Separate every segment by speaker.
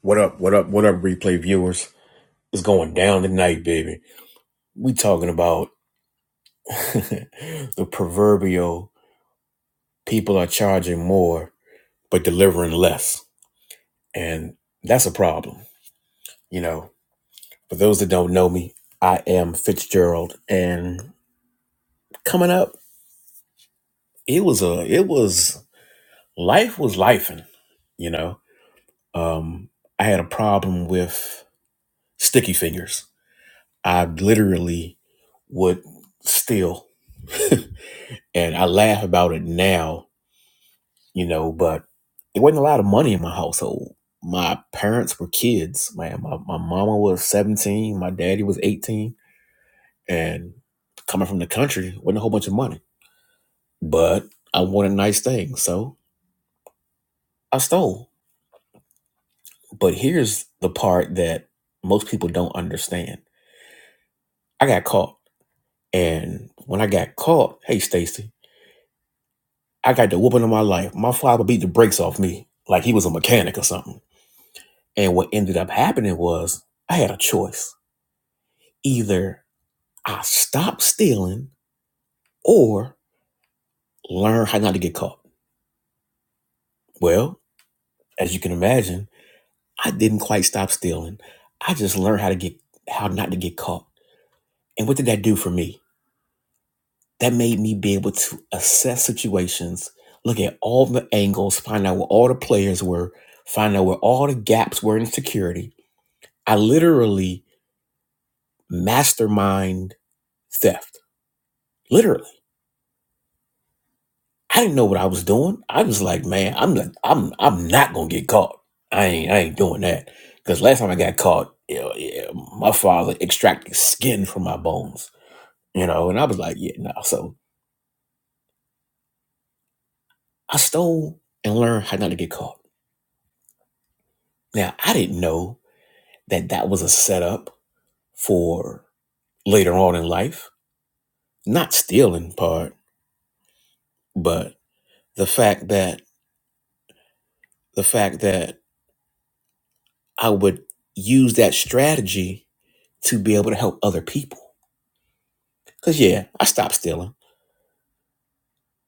Speaker 1: What up, what up, what up, replay viewers? It's going down tonight, baby. We talking about the proverbial people are charging more but delivering less. And that's a problem. You know, for those that don't know me, I am Fitzgerald. And coming up, it was a it was life was lifing, you know. Um, I had a problem with sticky fingers. I literally would steal And I laugh about it now, you know, but it wasn't a lot of money in my household. My parents were kids, man. My, my mama was 17, my daddy was 18. And coming from the country, wasn't a whole bunch of money. But I wanted nice things, so I stole. But here's the part that most people don't understand. I got caught. And when I got caught, hey Stacy, I got the whooping of my life. My father beat the brakes off me like he was a mechanic or something. And what ended up happening was I had a choice. Either I stopped stealing or learn how not to get caught. Well, as you can imagine, I didn't quite stop stealing. I just learned how to get how not to get caught. And what did that do for me? That made me be able to assess situations, look at all the angles, find out where all the players were, find out where all the gaps were in security. I literally mastermind theft. Literally. I didn't know what I was doing. I was like, man, I'm not, I'm I'm not gonna get caught. I ain't I ain't doing that because last time I got caught, you know, yeah, my father extracted skin from my bones, you know, and I was like, yeah, no. So I stole and learned how not to get caught. Now I didn't know that that was a setup for later on in life, not stealing part, but the fact that the fact that I would use that strategy to be able to help other people Cause yeah, I stopped stealing.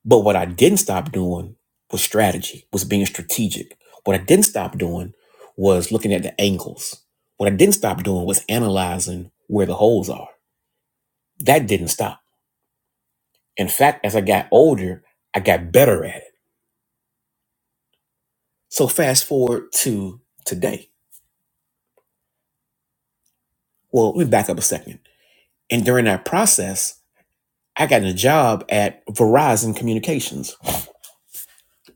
Speaker 1: But what I didn't stop doing was strategy, was being strategic. What I didn't stop doing was looking at the angles. What I didn't stop doing was analyzing where the holes are. That didn't stop. In fact, as I got older, I got better at it. So fast forward to today. Well, let me back up a second. And during that process, I got a job at Verizon Communications,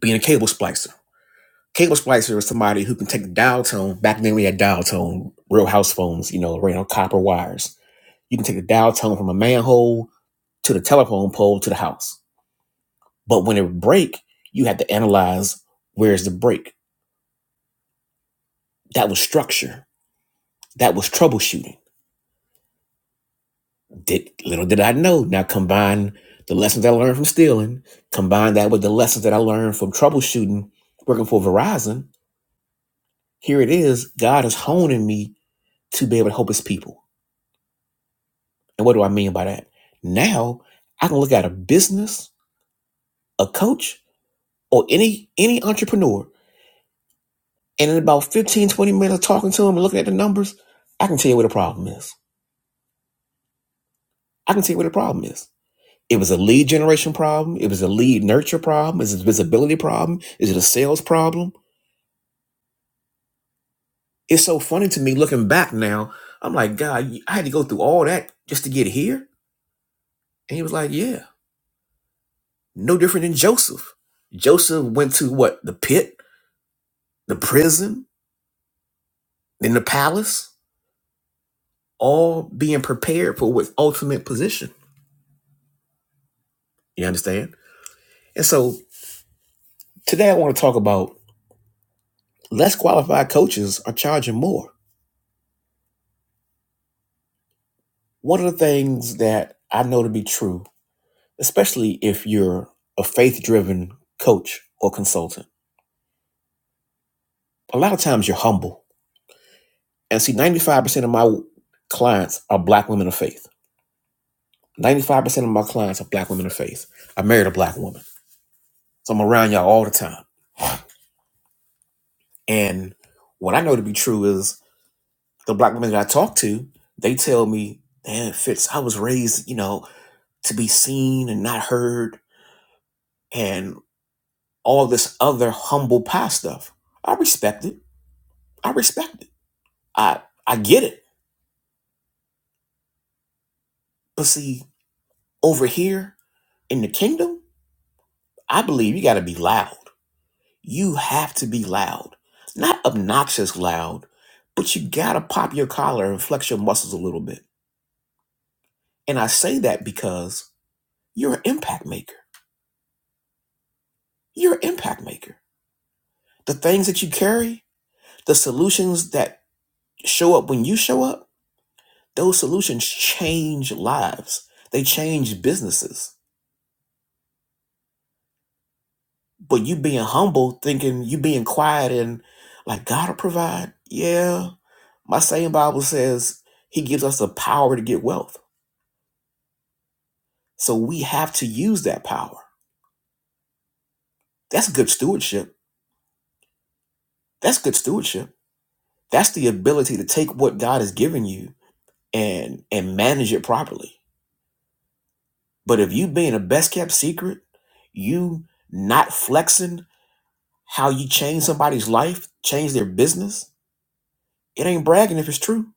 Speaker 1: being a cable splicer. Caleb Spicer was somebody who can take the dial tone. Back then we had dial tone, real house phones, you know, ran on copper wires. You can take the dial tone from a manhole to the telephone pole to the house. But when it would break, you had to analyze where's the break. That was structure. That was troubleshooting. Did little did I know. Now combine the lessons I learned from stealing, combine that with the lessons that I learned from troubleshooting, working for Verizon. Here it is. God is honing me to be able to help His people. And what do I mean by that? Now I can look at a business, a coach, or any any entrepreneur, and in about 15 20 minutes of talking to them and looking at the numbers, I can tell you where the problem is. I can tell you where the problem is. It was a lead generation problem, it was a lead nurture problem, is it a visibility problem, is it a sales problem? It's so funny to me looking back now. I'm like, God, I had to go through all that just to get here. And he was like, Yeah, no different than Joseph. Joseph went to what? The pit, the prison, in the palace, all being prepared for what's ultimate position. You understand? And so today I want to talk about less qualified coaches are charging more. One of the things that I know to be true, especially if you're a faith driven coach or consultant, a lot of times you're humble. And see, 95% of my clients are black women of faith. 95% of my clients are black women of faith. I married a black woman. So I'm around y'all all the time. And what I know to be true is the black women that I talk to, they tell me, man, Fitz, I was raised, you know, to be seen and not heard and all this other humble pie stuff. I respect it. I respect it. I I get it. But see, over here in the kingdom, I believe you gotta be loud. You have to be loud. Not obnoxious loud, but you gotta pop your collar and flex your muscles a little bit. And I say that because you're an impact maker. You're an impact maker The things that you carry, the solutions that show up when you show up, those solutions change lives. They change businesses. But you being humble, thinking you being quiet and like God will provide. Yeah. My same Bible says he gives us the power to get wealth. So we have to use that power. That's good stewardship. That's good stewardship. That's the ability to take what God has given you and and manage it properly But if you being a best kept secret, you not flexing how you change somebody's life, change their business, it ain't bragging if it's true.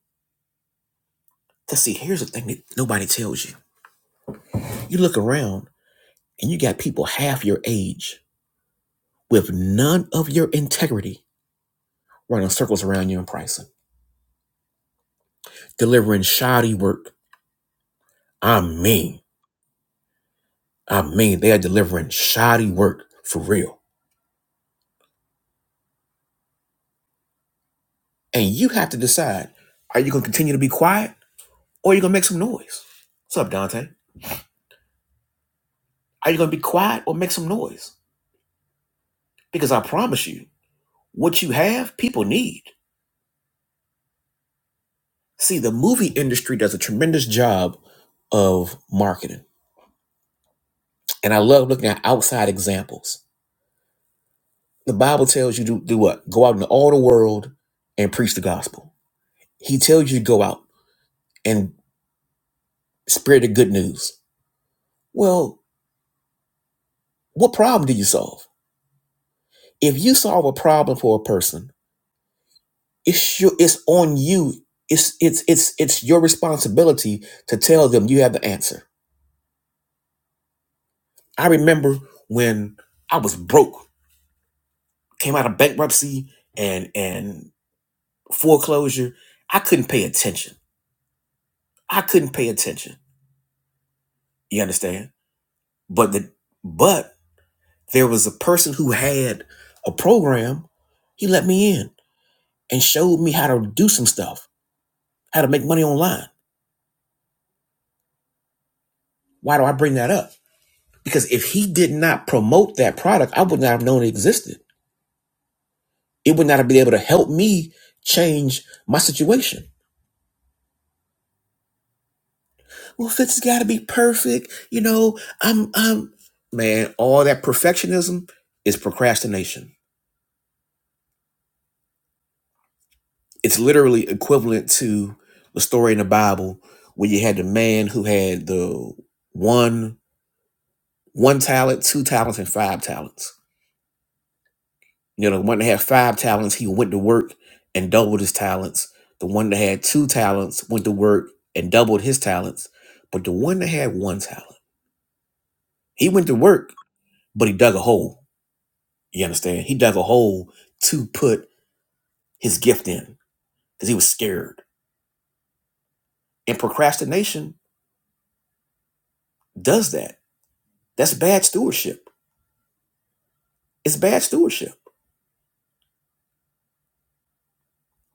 Speaker 1: Cause see, here's the thing that nobody tells you. You look around and you got people half your age with none of your integrity running circles around you in pricing, delivering shoddy work. I mean, I mean, they are delivering shoddy work for real. And you have to decide, are you gonna continue to be quiet or are you gonna make some noise? What's up, Dante? Are you going to be quiet or make some noise? Because I promise you, what you have, people need. See, the movie industry does a tremendous job of marketing. And I love looking at outside examples. The Bible tells you to do what? Go out into all the world and preach the gospel. He tells you to go out and spread the good news. Well, what problem do you solve? If you solve a problem for a person, it's your, it's on you. It's it's it's it's your responsibility to tell them you have the answer I remember when I was broke, came out of bankruptcy and and foreclosure. I couldn't pay attention. I couldn't pay attention. You understand? But the but there was a person who had a program. He let me in and showed me how to do some stuff, how to make money online. Why do I bring that up? Because if he did not promote that product, I would not have known it existed. It would not have been able to help me change my situation well, Fitz has got to be perfect. You know, I'm, I'm, man, all that perfectionism is procrastination. It's literally equivalent to the story in the Bible where you had the man who had the one, one talent, two talents, and five talents. You know, the one that had five talents, he went to work and doubled his talents. The one that had two talents went to work and doubled his talents. But the one that had one talent, he went to work, but he dug a hole You understand? He dug a hole to put his gift in because he was scared. And procrastination does that. That's bad stewardship. It's bad stewardship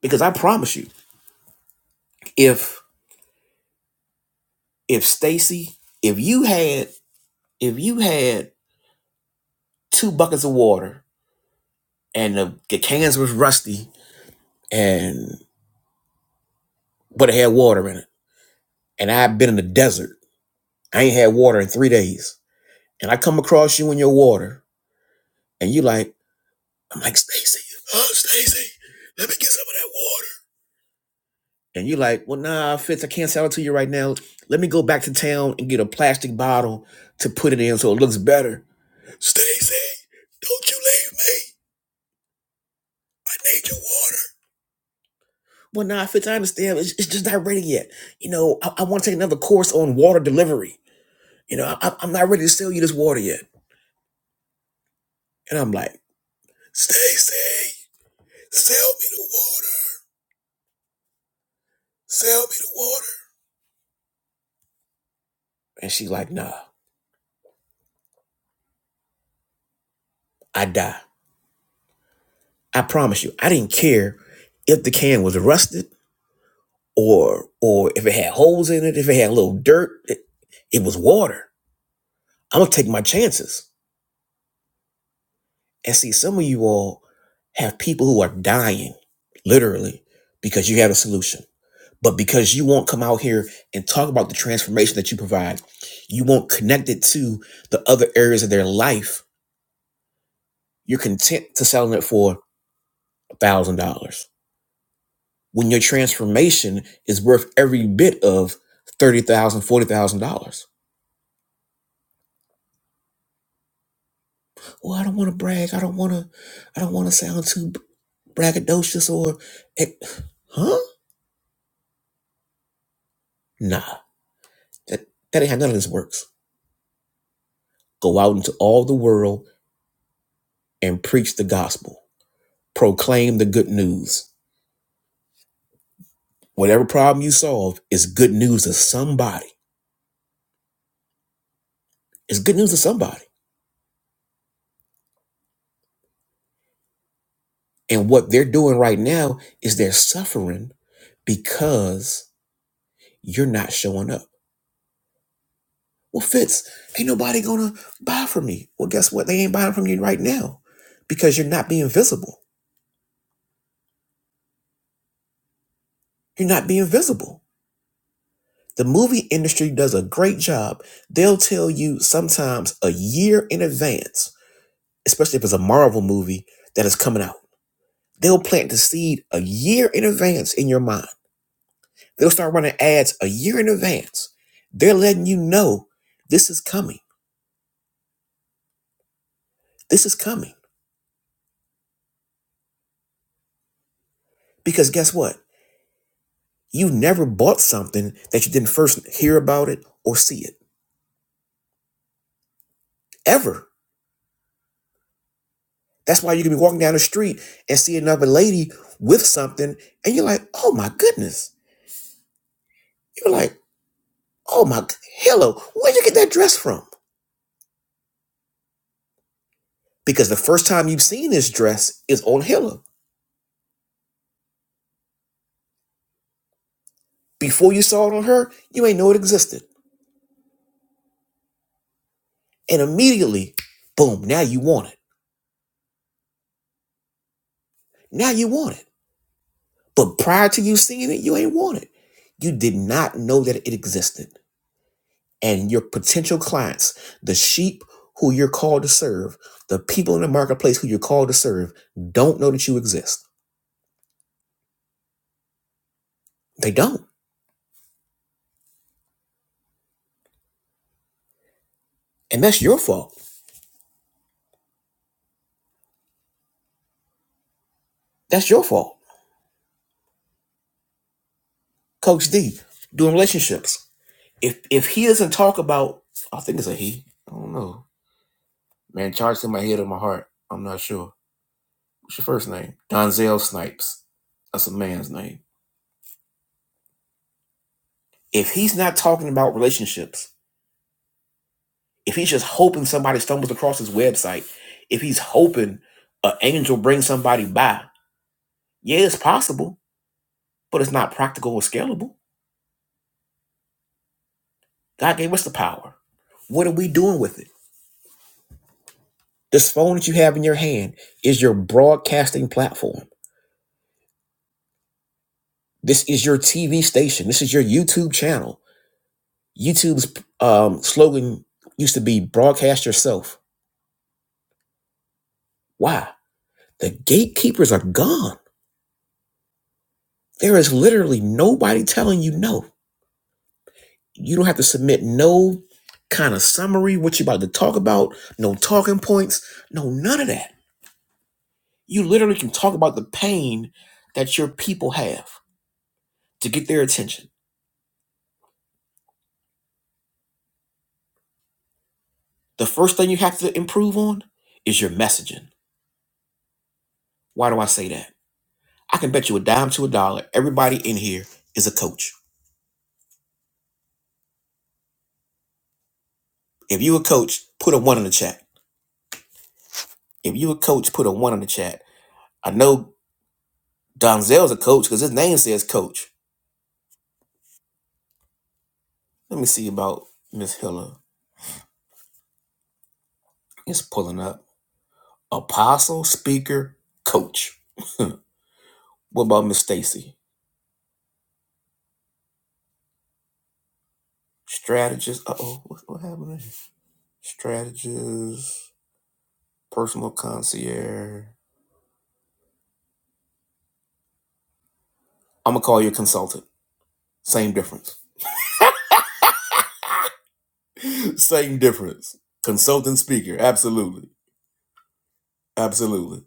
Speaker 1: because I promise you, if if Stacy, if you had if you had two buckets of water and the, the cans was rusty and but it had water in it, and I've been in the desert, I ain't had water in three days, and I come across you in your water, and you like. I'm like, Stacy, oh, Stacy, let me get some of that water. And you're like, well, nah, Fitz, I can't sell it to you right now. Let me go back to town and get a plastic bottle to put it in so it looks better. Stacy, don't you leave me. I need your water. Well, nah, Fitz, I understand. It's, it's just not ready yet. You know, I, I want to take another course on water delivery. You know, I, I'm not ready to sell you this water yet. And I'm like, Stacy, sell me the water. Sell me the water. And she's like, nah, I die. I promise you, I didn't care if the can was rusted or or if it had holes in it, if it had a little dirt, it, it was water. I'm gonna take my chances. And see, some of you all have people who are dying, literally, because you have a solution. But because you won't come out here and talk about the transformation that you provide, you won't connect it to the other areas of their life. You're content to selling it for $1,000. when your transformation is worth every bit of thirty thousand, dollars, forty thousand dollars. Well, I don't want to brag. I don't want to. I don't want to sound too braggadocious or, eh, huh? Nah, that that ain't how none of this works. Go out into all the world and preach the gospel. Proclaim the good news. Whatever problem you solve is good news to somebody. It's good news to somebody. And what they're doing right now is they're suffering because you're not showing up Well, Fitz, ain't nobody gonna buy from me. Well, guess what? They ain't buying from you right now because you're not being visible. You're not being visible. The movie industry does a great job. They'll tell you sometimes a year in advance, especially if it's a Marvel movie that is coming out. They'll plant the seed a year in advance in your mind. They'll start running ads a year in advance. They're letting you know this is coming. This is coming. Because guess what? You've never bought something that you didn't first hear about it or see it ever. That's why you can be walking down the street and see another lady with something, and you're like, "Oh my goodness!" You're like, "Oh my hello, where'd you get that dress from?" Because the first time you've seen this dress is on Hilla. Before you saw it on her, you ain't know it existed, and immediately, boom! Now you want it. Now you want it. But prior to you seeing it, you ain't want it. You did not know that it existed. and your potential clients, the sheep who you're called to serve, the people in the marketplace who you're called to serve, don't know that you exist. They don't. And that's your fault. That's your fault. Coach D, doing relationships. If if he doesn't talk about I think it's a he. I don't know. Man, charged in my head or my heart. I'm not sure. What's your first name? Donzel Snipes. That's a man's name. If he's not talking about relationships, if he's just hoping somebody stumbles across his website, if he's hoping an angel brings somebody by, yeah, it's possible, but it's not practical or scalable. God gave us the power. What are we doing with it? This phone that you have in your hand is your broadcasting platform. This is your TV station. This is your YouTube channel. YouTube's um, slogan used to be broadcast yourself. Why? The gatekeepers are gone. There is literally nobody telling you no. You don't have to submit no kind of summary, what you're about to talk about, no talking points, no none of that. You literally can talk about the pain that your people have to get their attention. The first thing you have to improve on is your messaging. Why do I say that? I can bet you a dime to a dollar. Everybody in here is a coach. If you a coach, put a one in the chat. If you a coach, put a one in the chat. I know Donzel's a coach because his name says coach. Let me see about Miss Hiller. It's pulling up. Apostle, speaker, coach. what about Miss Stacy? Strategist. Uh oh, what, what happened? There? Strategist, personal concierge. I'm gonna call you a consultant. Same difference. Same difference. Consultant speaker. Absolutely. Absolutely.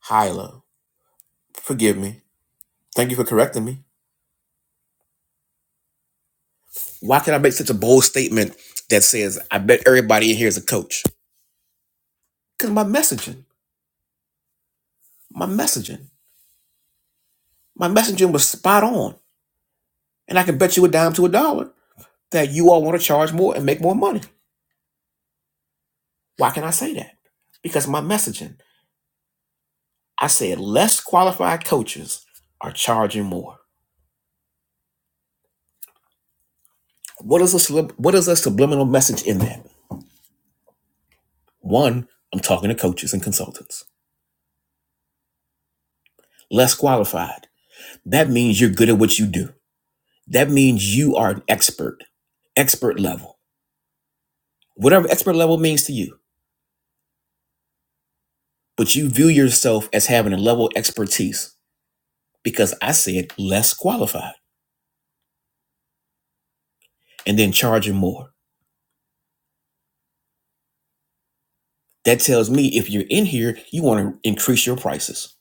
Speaker 1: Hyla, forgive me. Thank you for correcting me. Why can I make such a bold statement that says I bet everybody in here is a coach? Because my messaging, my messaging, my messaging was spot on. And I can bet you a dime to a dollar that you all want to charge more and make more money. Why can I say that? Because my messaging, I said less qualified coaches are charging more. What is a sub- what is a subliminal message in that? One, I'm talking to coaches and consultants. Less qualified. That means you're good at what you do. That means you are an expert, expert level. Whatever expert level means to you, but you view yourself as having a level of expertise because I said less qualified and then charging more. That tells me if you're in here, you want to increase your prices.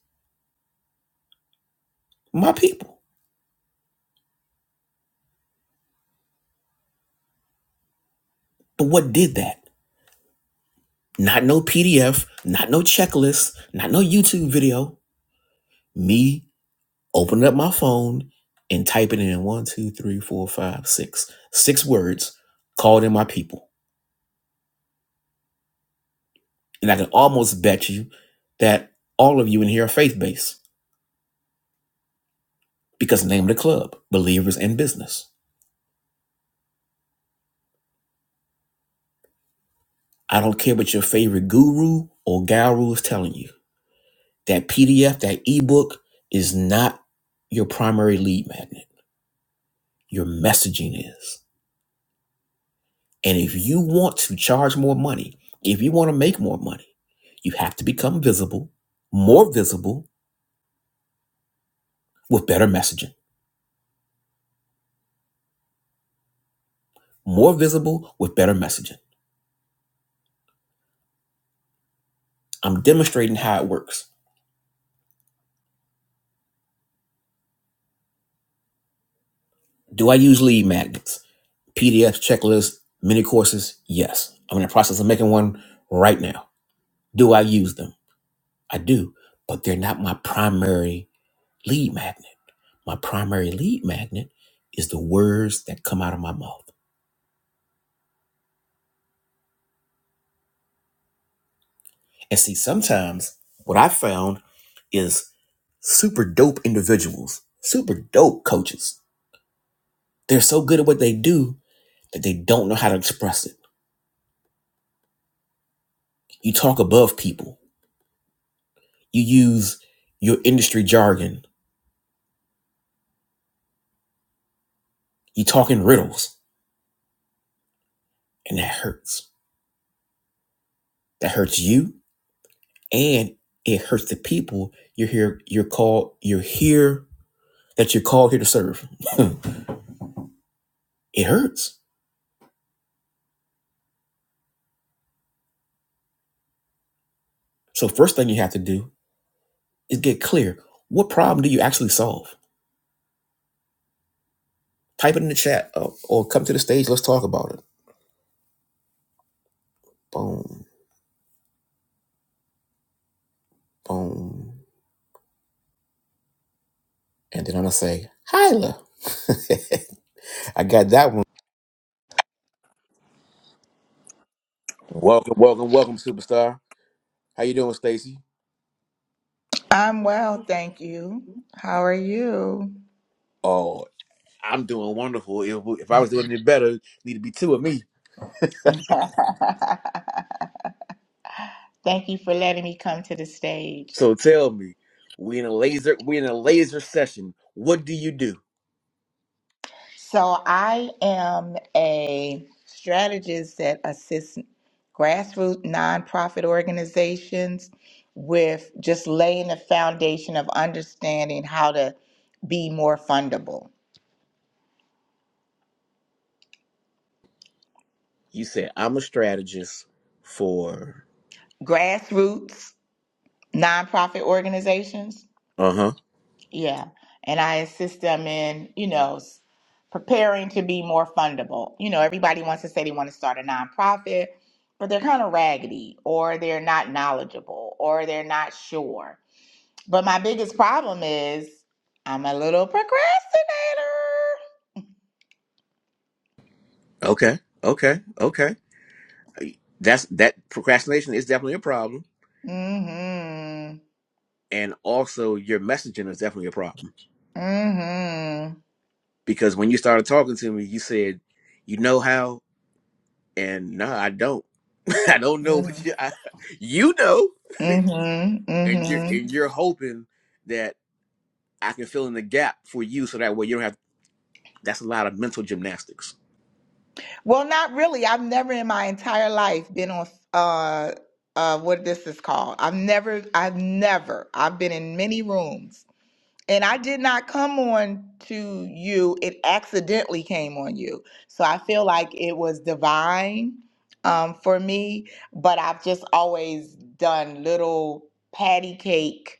Speaker 1: My people. But what did that? Not no PDF, not no checklist, not no YouTube video. Me opening up my phone and typing in one, two, three, four, five, six, six words, called in my people. And I can almost bet you that all of you in here are faith based because name of the club, believers in business. I don't care what your favorite guru or guru is telling you. That PDF, that ebook is not your primary lead magnet. Your messaging is. And if you want to charge more money, if you want to make more money, you have to become visible, more visible with better messaging, more visible with better messaging. I'm demonstrating how it works. Do I use lead magnets, PDFs, checklists, mini courses? Yes. I'm in the process of making one right now. Do I use them? I do, but they're not my primary lead magnet. My primary lead magnet is the words that come out of my mouth. And see, sometimes what I found is super dope individuals, super dope coaches. They're so good at what they do that they don't know how to express it. You talk above people, you use your industry jargon, you talk in riddles, and that hurts. That hurts you and it hurts the people you're here you're called you're here that you're called here to serve. It hurts. So first thing you have to do is get clear. What problem do you actually solve? Type it in the chat uh, or come to the stage. Let's talk about it. Boom, boom. And then I'm going to say, Hyla. I got that one. Welcome, welcome, welcome, superstar. How you doing, Stacy?
Speaker 2: I'm well, thank you. How are you?
Speaker 1: Oh, I'm doing wonderful. If, if I was doing any better, need to be two of me.
Speaker 2: Thank you for letting me come to the stage.
Speaker 1: So tell me, we in a laser, we in a laser session. What do you do?
Speaker 2: So, I am a strategist that assists grassroots nonprofit organizations with just laying the foundation of understanding how to be more fundable.
Speaker 1: You said I'm a strategist for.
Speaker 2: Grassroots nonprofit organizations,
Speaker 1: Uh huh.
Speaker 2: Yeah, and I assist them in, you know, s- preparing to be more fundable. You know, everybody wants to say they want to start a nonprofit, but they're kind of raggedy or they're not knowledgeable or they're not sure. But my biggest problem is I'm a little procrastinator.
Speaker 1: Okay. Okay. Okay. That's that procrastination is definitely a problem,
Speaker 2: Mm
Speaker 1: and also your messaging is definitely a problem
Speaker 2: Mhm. Mm
Speaker 1: because when you started talking to me, you said, "You know how," and no, I don't. I don't know
Speaker 2: Mhm.
Speaker 1: what you. I, you know,
Speaker 2: Mm Mhm. Mm
Speaker 1: and you're
Speaker 2: Mhm.
Speaker 1: and you're hoping that I can fill in the gap for you, so that way you don't have. That's a lot of mental gymnastics.
Speaker 2: Well, not really. I've never in my entire life been on uh uh what this is called. I've never I've never I've been in many rooms. And I did not come on to you. It accidentally came on you. So I feel like it was divine um for me, but I've just always done little patty cake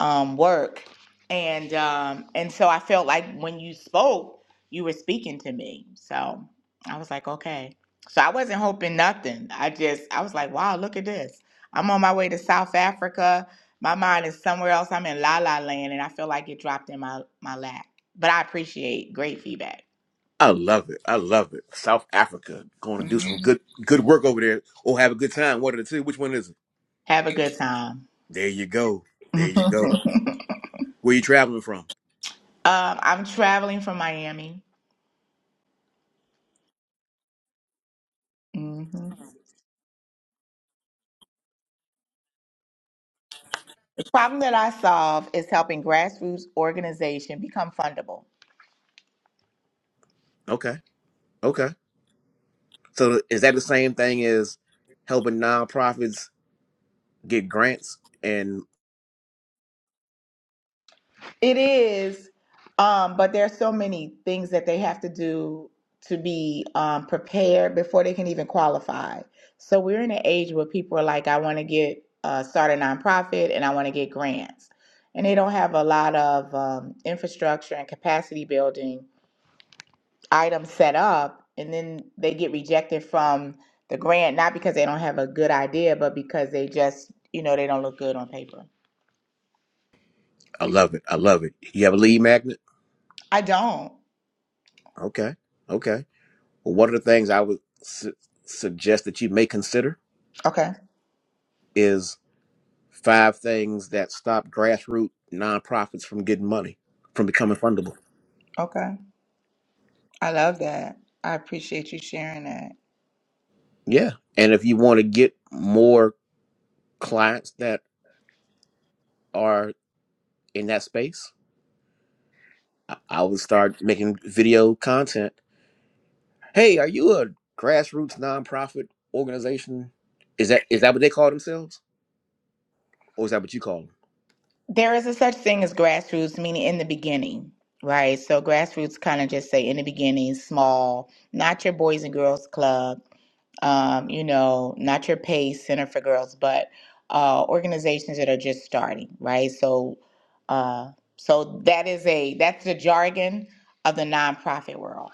Speaker 2: um, work, and um, and so I felt like when you spoke, you were speaking to me. So I was like, okay. So I wasn't hoping nothing. I just I was like, wow, look at this. I'm on my way to South Africa. My mind is somewhere else. I'm in La La Land, and I feel like it dropped in my my lap. But I appreciate great feedback.
Speaker 1: I love it. I love it. South Africa going to do some
Speaker 2: Mhm.
Speaker 1: good good work over there, or have a good time. One of the two. Which one is it?
Speaker 2: Have a good time.
Speaker 1: There you go. There
Speaker 2: um,
Speaker 1: you go. Where you traveling from?
Speaker 2: I'm traveling from Miami. Problem that I solve is helping grassroots organization become fundable.
Speaker 1: Okay. Okay. So is that the same thing as helping nonprofits get grants? And
Speaker 2: It is, um, but there are so many things that they have to do to be um, prepared before they can even qualify. So we're in an age where people are like, I want to get uh, start a nonprofit and I want to get grants, and they don't have a lot of um, infrastructure and capacity building item set up and then they get rejected from the grant not because they don't have a good idea but because they just you know they don't look good on paper
Speaker 1: I love it. I love it. You have a lead magnet?
Speaker 2: I don't.
Speaker 1: Okay. Okay. Well, one of the things I would su- suggest that you may consider
Speaker 2: Okay.
Speaker 1: is five things that stop grassroots nonprofits from getting money, from becoming fundable.
Speaker 2: Okay. I love that. I appreciate you sharing that.
Speaker 1: Yeah. And if you want to get more clients that are in that space, I I would start making video content. Hey, are you a grassroots nonprofit organization? Is that is that what they call themselves, or is that what you call them?
Speaker 2: there is a such thing as grassroots meaning in the beginning right so grassroots kind of just say in the beginning small not your boys and girls club um, you know, not your PACE Center for Girls, but uh, organizations that are just starting, right? So, uh, so that is a that's the jargon of the nonprofit world.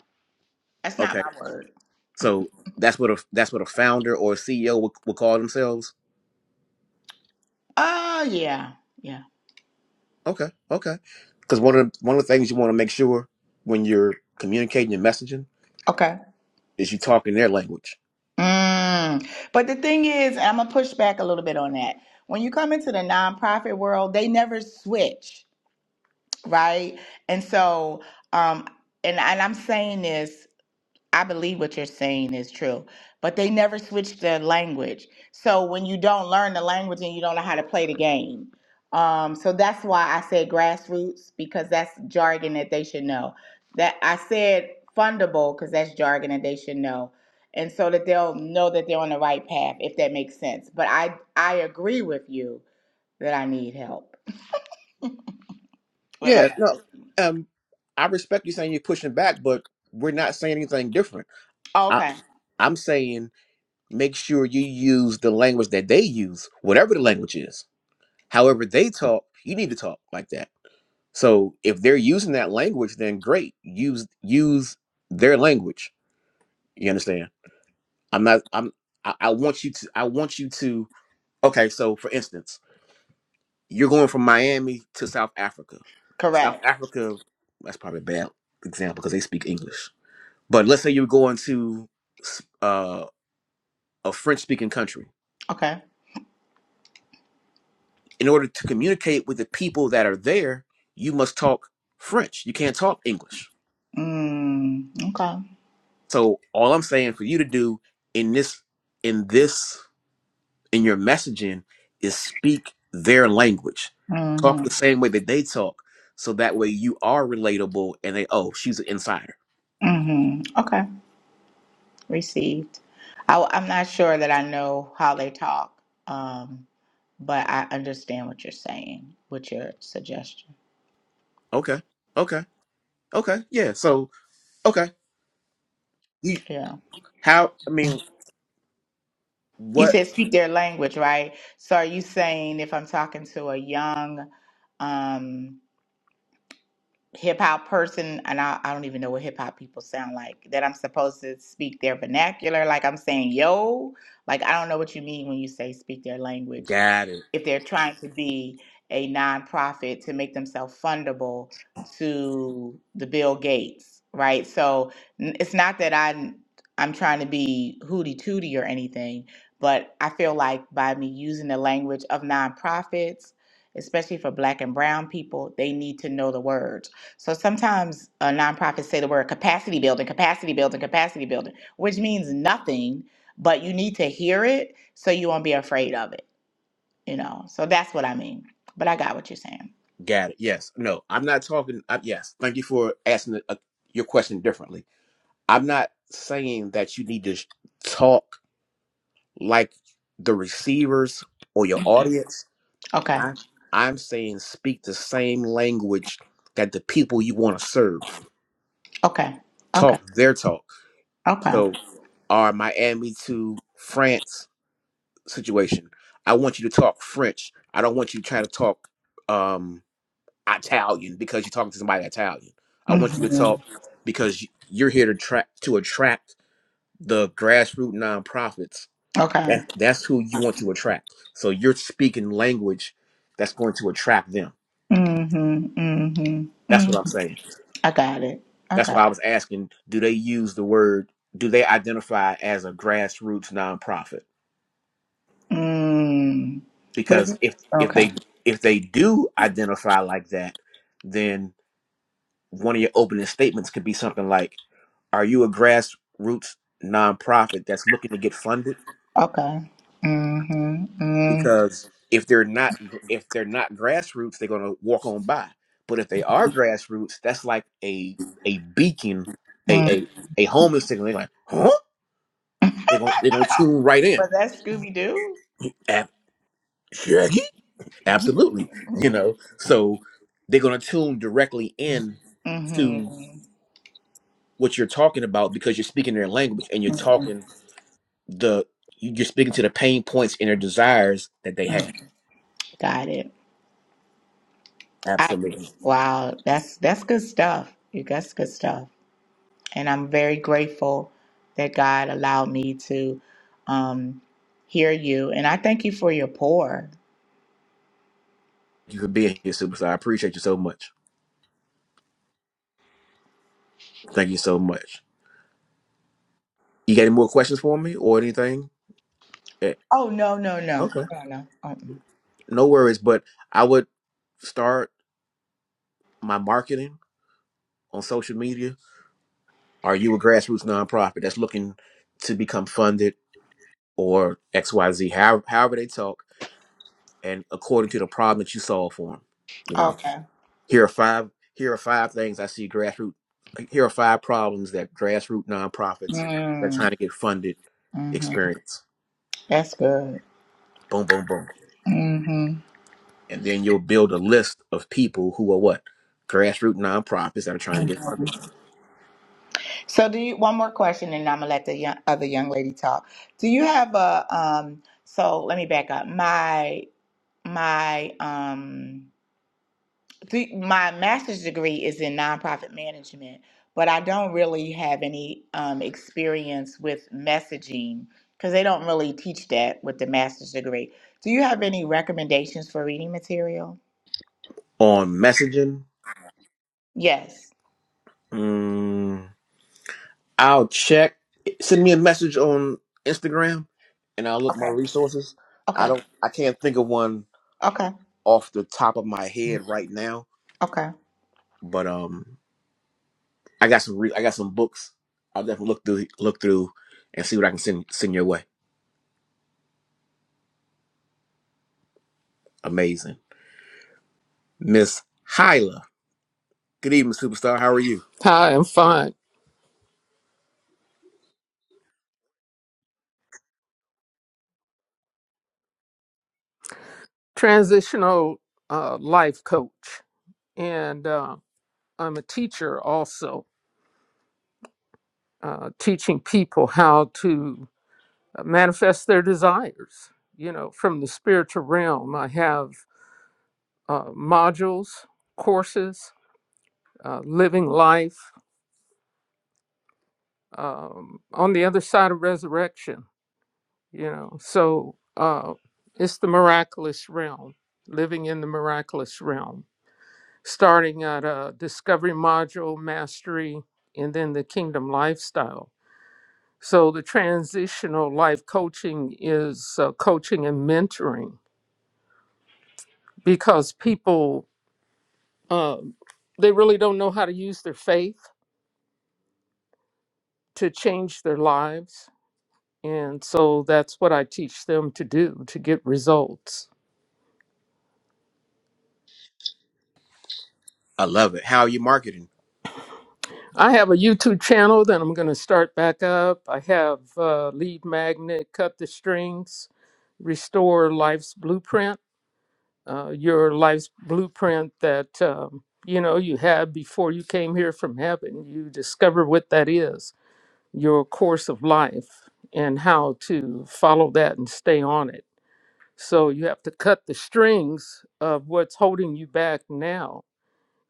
Speaker 2: That's not
Speaker 1: Okay,
Speaker 2: my word.
Speaker 1: so that's what a that's what a founder or a CEO would, would call themselves.
Speaker 2: Oh yeah, yeah.
Speaker 1: Okay, okay, because one of the, one of the things you want to make sure when you're communicating and messaging
Speaker 2: Okay.
Speaker 1: is you talk in their language.
Speaker 2: Mm. But the thing is, I'm gonna push back a little bit on that. When you come into the nonprofit world, they never switch, right? And so, um, and and I'm saying this I believe what you're saying is true, but they never switch their language. So when you don't learn the language and you don't know how to play the game, um, so that's why I said grassroots because that's jargon that they should know. That I said fundable because that's jargon that they should know, and so that they'll know that they're on the right path if that makes sense. But I I agree with you that I need help with my
Speaker 1: Yeah, no,
Speaker 2: message.
Speaker 1: um, I respect you saying you're pushing back, but we're not saying anything different. I,
Speaker 2: Okay,
Speaker 1: I'm saying make sure you use the language that they use, whatever the language is. However they talk, you need to talk like that. So if they're using that language, then great, use use their language. You understand? I'm not. I'm. I, I want you to. I want you to. Okay, so for instance, you're going from Miami to South Africa. South
Speaker 2: correct.
Speaker 1: Africa. That's probably a bad example because they speak English But let's say you're going to uh, a French speaking country.
Speaker 2: Okay.
Speaker 1: In order to communicate with the people that are there, you must talk French. You can't talk English.
Speaker 2: Mm, okay.
Speaker 1: So all I'm saying for you to do in this, in this, in your messaging is speak their language.
Speaker 2: Mm-hmm.
Speaker 1: Talk the same way that they talk. So that way you are relatable and they, oh, she's an insider.
Speaker 2: hmm Okay. Received. I, am not sure that I know how they talk, um, but I understand what you're saying with your suggestion.
Speaker 1: Okay. Okay. Okay. Yeah. So, okay. You,
Speaker 2: Yeah.
Speaker 1: how, I mean,
Speaker 2: You
Speaker 1: what?
Speaker 2: said speak their language, right? So are you saying if I'm talking to a young um, hip hop person, and I, I don't even know what hip hop people sound like, that I'm supposed to speak their vernacular? Like I'm saying, yo? Like I don't know what you mean when you say speak their language.
Speaker 1: Got it.
Speaker 2: if they're trying to be a nonprofit to make themselves fundable to the Bill Gates, right? So n- it's not that I I'm trying to be hooty tooty or anything, but I feel like by me using the language of nonprofits, especially for Black and Brown people, they need to know the words. So sometimes uh, nonprofits say the word capacity building, capacity building, capacity building, which means nothing, but you need to hear it so you won't be afraid of it you know. So that's what I mean. But I got what you're saying.
Speaker 1: Got it. Yes. No, I'm not talking. Uh, yes. Thank you for asking uh your question differently. I'm not saying that you need to sh- talk like the receivers or your audience.
Speaker 2: Okay.
Speaker 1: I, I'm saying speak the same language that the people you want to serve
Speaker 2: Okay. Okay.
Speaker 1: talk their talk.
Speaker 2: Okay.
Speaker 1: So, our Miami to France situation, I want you to talk French. I don't want you to try to talk. Um, Italian because you're talking to somebody Italian. I want you to
Speaker 2: hmm
Speaker 1: talk because you're here to track to attract the grassroots nonprofits.
Speaker 2: Okay.
Speaker 1: That that's who you want to attract. So you're speaking language that's going to attract them.
Speaker 2: hmm hmm
Speaker 1: That's
Speaker 2: hmm
Speaker 1: what I'm saying.
Speaker 2: I got it. I
Speaker 1: That's
Speaker 2: got
Speaker 1: why I was asking, do they use the word do they identify as a grassroots nonprofit?
Speaker 2: it. Mm. But if
Speaker 1: Because if if
Speaker 2: okay.
Speaker 1: they if they do identify like that, then one of your opening statements could be something like Are you a grassroots nonprofit that's looking to get funded?
Speaker 2: Okay. hmm mm
Speaker 1: Because if they're not gr- if they're not grassroots, they're going to walk on by. But if they are grassroots, that's like a a beacon, a
Speaker 2: Mm.
Speaker 1: a, a homing signal. They're like, huh? They're going they're going to tune right
Speaker 2: Was
Speaker 1: in.
Speaker 2: that Scooby Doo?
Speaker 1: Ab- Shaggy? Absolutely. You know, so they're going to tune directly in to
Speaker 2: Mm-hmm.
Speaker 1: what you're talking about because you're speaking their language and you're talking the you- are speaking to the pain points and their desires that they have.
Speaker 2: Got it. I
Speaker 1: Absolutely.
Speaker 2: wow, that's that's good stuff. You that's good stuff. and I'm very grateful that God allowed me to um, hear you. And I thank you for your pour.
Speaker 1: Thank You for being here, superstar. I appreciate you so much. Thank you so much. You got any more questions for me or anything? Eh,
Speaker 2: Oh no, no, no,
Speaker 1: Okay.
Speaker 2: no, no. Mm-mm.
Speaker 1: No worries, but I would start my marketing on social media. Are you a grassroots nonprofit that's looking to become funded or XYZ, however, however they talk, and according to the problem that you solve for them? you know.
Speaker 2: Okay.
Speaker 1: Here are five. Here are five things I see grassroots. Here are five problems that grassroots nonprofits that are trying
Speaker 2: Mm,
Speaker 1: to get funded
Speaker 2: hmm
Speaker 1: experience.
Speaker 2: That's good.
Speaker 1: Boom, boom, boom,
Speaker 2: hmm
Speaker 1: and then you'll build a list of people who are what grassroots nonprofits that are trying to get funded.
Speaker 2: So, do you? One more question, and I'm gonna let the young, other young lady talk. Do you have a? Um, so let me back up. My my. Um, See, my master's degree is in nonprofit management, but I don't really have any um, experience with messaging because they don't really teach that with the master's degree. Do you have any recommendations for reading material?
Speaker 1: On messaging,
Speaker 2: Yes.
Speaker 1: mm, I'll check. Send me a message on Instagram, and I'll look my
Speaker 2: Okay.
Speaker 1: resources. I
Speaker 2: Okay.
Speaker 1: don't. I can't think of one
Speaker 2: Okay.
Speaker 1: off the top of my head right now.
Speaker 2: Okay.
Speaker 1: But um, I got some. Re- I got some books. I'll definitely look through. Look through and see what I can send send your way. Amazing, Miss Hyla. Good evening, superstar. How are you?
Speaker 3: Hi, I'm fine. Transitional uh, life coach, and uh, I'm a teacher also, uh, teaching people how to manifest their desires. You know, from the spiritual realm, I have uh, modules, courses, uh, living life um, on the other side of resurrection. You know, so uh, it's the miraculous realm, living in the miraculous realm. starting at a discovery module, mastery, and then the kingdom lifestyle. So the transitional life coaching is uh, coaching and mentoring because people um, they really don't know how to use their faith to change their lives, and so that's what I teach them to do to get results.
Speaker 1: I love it. How are you marketing?
Speaker 3: I have a YouTube channel that I'm going to start back up. I have uh, Lead Magnet, Cut the Strings, Restore Life's Blueprint uh, your life's blueprint that um, you know you had before you came here from heaven. You discover what that is, your course of life, and how to follow that and stay on it. So you have to cut the strings of what's holding you back now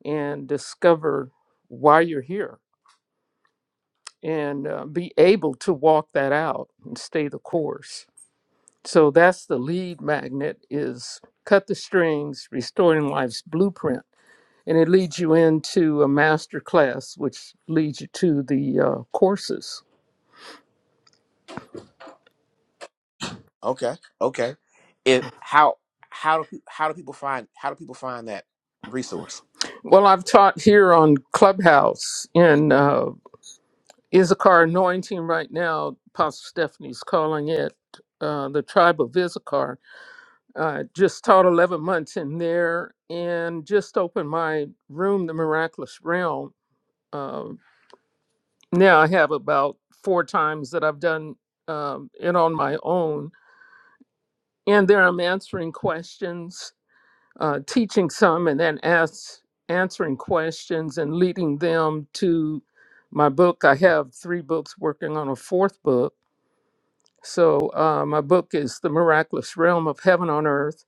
Speaker 3: and discover why you're here and uh, be able to walk that out and stay the course. So that's the lead magnet is cut the strings, restoring life's blueprint and it leads you into a master class, which leads you to the uh, courses.
Speaker 1: Okay. Okay. It how how do pe- how do people find how do people find that resource?
Speaker 3: Well, I've taught here on Clubhouse in uh, Issachar Anointing right now. Pastor Stephanie's calling it uh, the Tribe of Issachar. Uh, just taught 11 months in there and just opened my room, The Miraculous Realm. Um, now I have about four times that I've done um, it on my own. And there I'm answering questions uh, teaching some and then ask, answering questions and leading them to my book. I have three books working on a fourth book. So, uh, my book is The Miraculous Realm of Heaven on Earth,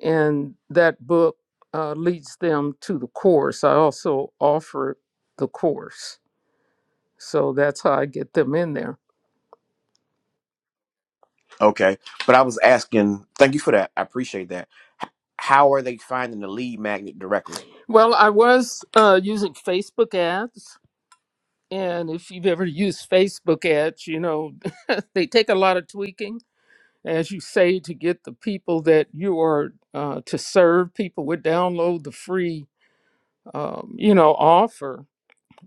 Speaker 3: and that book uh, leads them to the course. I also offer the course. So, that's how I get them in there.
Speaker 1: Okay. But I was asking, thank you for that. I appreciate that. H- How are they finding the lead magnet directly?
Speaker 3: Well, I was uh, using Facebook ads. And if you've ever used Facebook ads, you know, they take a lot of tweaking as you say, to get the people that you are uh, to serve. People would download the free, um, you know, offer,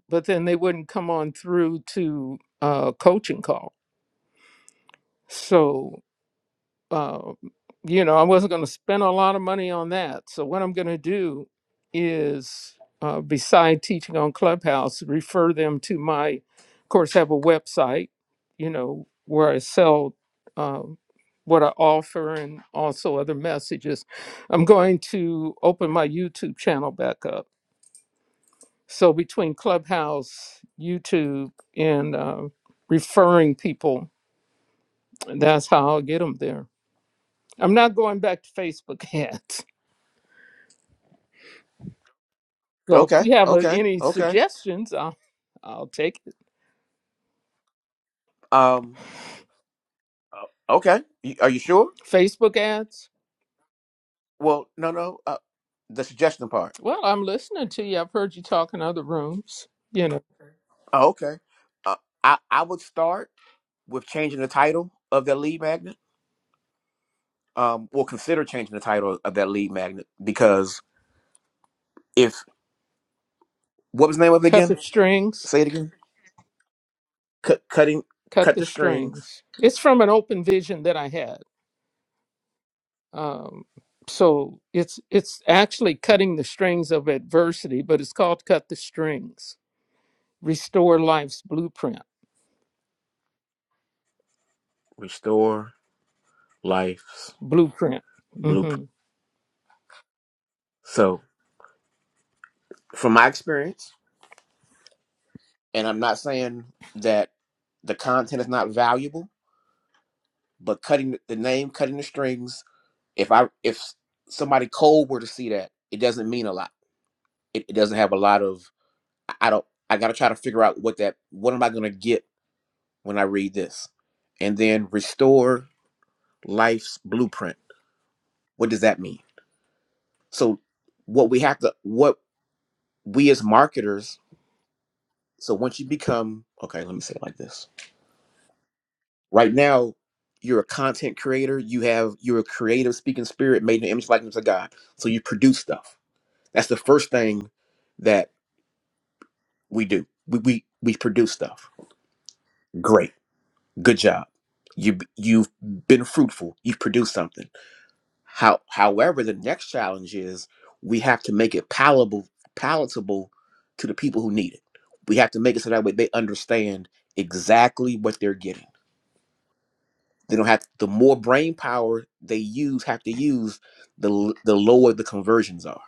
Speaker 3: but then they wouldn't come on through to uh, coaching call. So uh, you know, I wasn't going to spend a lot of money on that. So what I'm going to do is, uh, beside teaching on Clubhouse, refer them to my, of course, have a website, you know, where I sell uh, what I offer and also other messages. I'm going to open my YouTube channel back up. So between Clubhouse, YouTube, and uh, referring people, that's how I'll get them there. I'm not going back to Facebook ads. So if
Speaker 1: Okay.
Speaker 3: you have uh
Speaker 1: Okay.
Speaker 3: any
Speaker 1: Okay.
Speaker 3: suggestions, I'll, I'll take it.
Speaker 1: Um uh, okay. Y- Are you sure?
Speaker 3: Facebook ads.
Speaker 1: Well, no, no. Uh, the suggestion part.
Speaker 3: Well, I'm listening to you. I've heard you talk in other rooms. You know,
Speaker 1: Oh, okay. Uh, I I would start with changing the title of that lead magnet. Um well, consider changing the title of that lead magnet because if what was the name of it
Speaker 3: cut the
Speaker 1: again?
Speaker 3: strings,
Speaker 1: Say it again. Cut cutting
Speaker 3: cut
Speaker 1: cut
Speaker 3: the
Speaker 1: the strings,
Speaker 3: strings. It's from an open vision that I had. Um, so it's it's actually cutting the strings of adversity, but it's called cut the strings. Restore life's blueprint.
Speaker 1: restore life's
Speaker 3: Blueprint.
Speaker 1: blueprint.
Speaker 3: hmm
Speaker 1: So from my experience, and I'm not saying that the content is not valuable, but cutting the name, cutting the strings, if I if somebody cold were to see that, it doesn't mean a lot. It, it doesn't have a lot of I I don't I gotta try to figure out what that what am I gonna get when I read this? And then restore life's blueprint. What does that mean? So what we have to what we as marketers, so once you become okay, let me say it like this right now you're a content creator you have you're a creative speaking spirit made in the image likeness of god so you produce stuff that's the first thing that we do we we, we produce stuff great good job you you've been fruitful you've produced something how however the next challenge is we have to make it palatable palatable to the people who need it we have to make it so that way they understand exactly what they're getting They don't have the more brain power they use have to use the l- the lower the conversions are.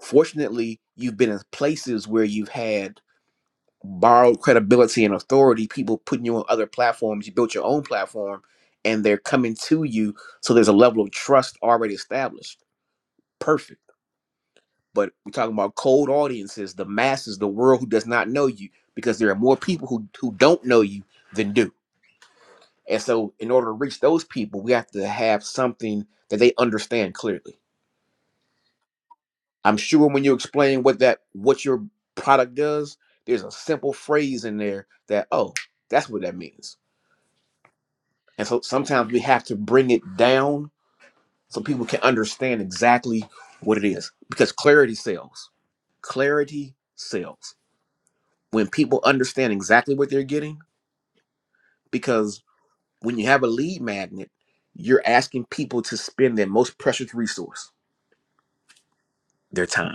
Speaker 1: Fortunately, you've been in places where you've had borrowed credibility and authority. People putting you on other platforms. You built your own platform, and they're coming to you. So there's a level of trust already established. Perfect. But we're talking about cold audiences, the masses, the world who does not know you, because there are more people who who don't know you than do And so, in order to reach those people, we have to have something that they understand clearly. I'm sure when you explain what that what your product does, there's a simple phrase in there that oh, that's what that means. And so sometimes we have to bring it down so people can understand exactly what it is because clarity sells. Clarity sells. When people understand exactly what they're getting because when you have a lead magnet, you're asking people to spend their most precious resource, their time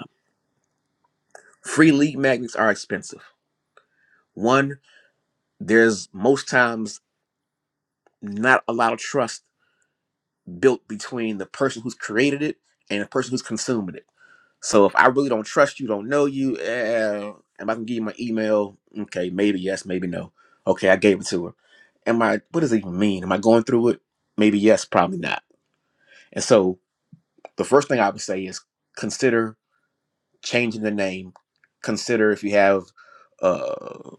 Speaker 1: Free lead magnets are expensive. One, there's most times not a lot of trust built between the person who's created it and the person who's consuming it. So if I really don't trust you, don't know you, eh, am I gonna give you my email? Okay, maybe yes, maybe no. Okay, I gave it to her. Am I? What does it even mean? Am I going through it? Maybe yes, probably not. And so the first thing I would say is consider changing the name. Consider if you have uh,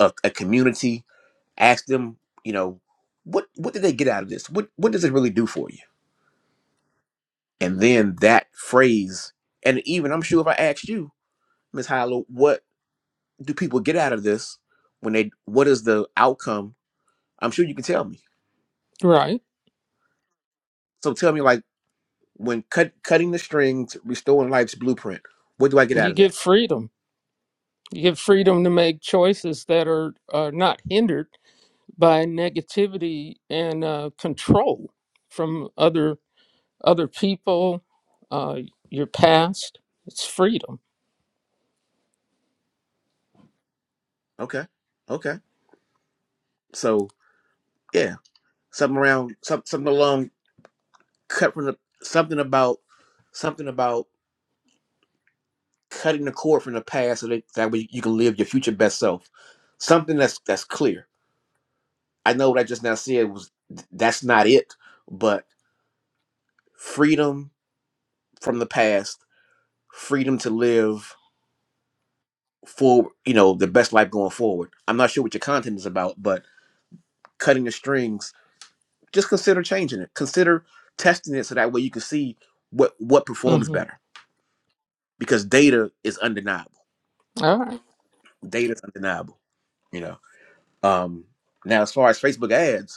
Speaker 1: a, a community ask them, you know, what what did they get out of this? What what does it really do for you? And then that phrase, and even I'm sure if I asked you, Miss Hilo, what do people get out of this when they what is the outcome? I'm sure you can tell me.
Speaker 3: Right.
Speaker 1: So tell me like when cut cutting the strings, restoring life's blueprint, what do I get
Speaker 3: You
Speaker 1: out of that?
Speaker 3: get freedom You get freedom to make choices that are, are not hindered by negativity and uh, control from other other people, uh, your past. It's freedom.
Speaker 1: Okay. Okay. So yeah. Something around some something along cut from the something about something about cutting the cord from the past so that, that way you can live your future best self. Something that's that's clear. I know what I just now said was that's not it, but freedom from the past, freedom to live for you know the best life going forward. I'm not sure what your content is about, but cutting the strings, just consider changing it. Consider testing it so that way you can see what what performs
Speaker 3: Mhm.
Speaker 1: better because data is undeniable.
Speaker 3: All right.
Speaker 1: Data is undeniable, you know. Um now as far as Facebook ads,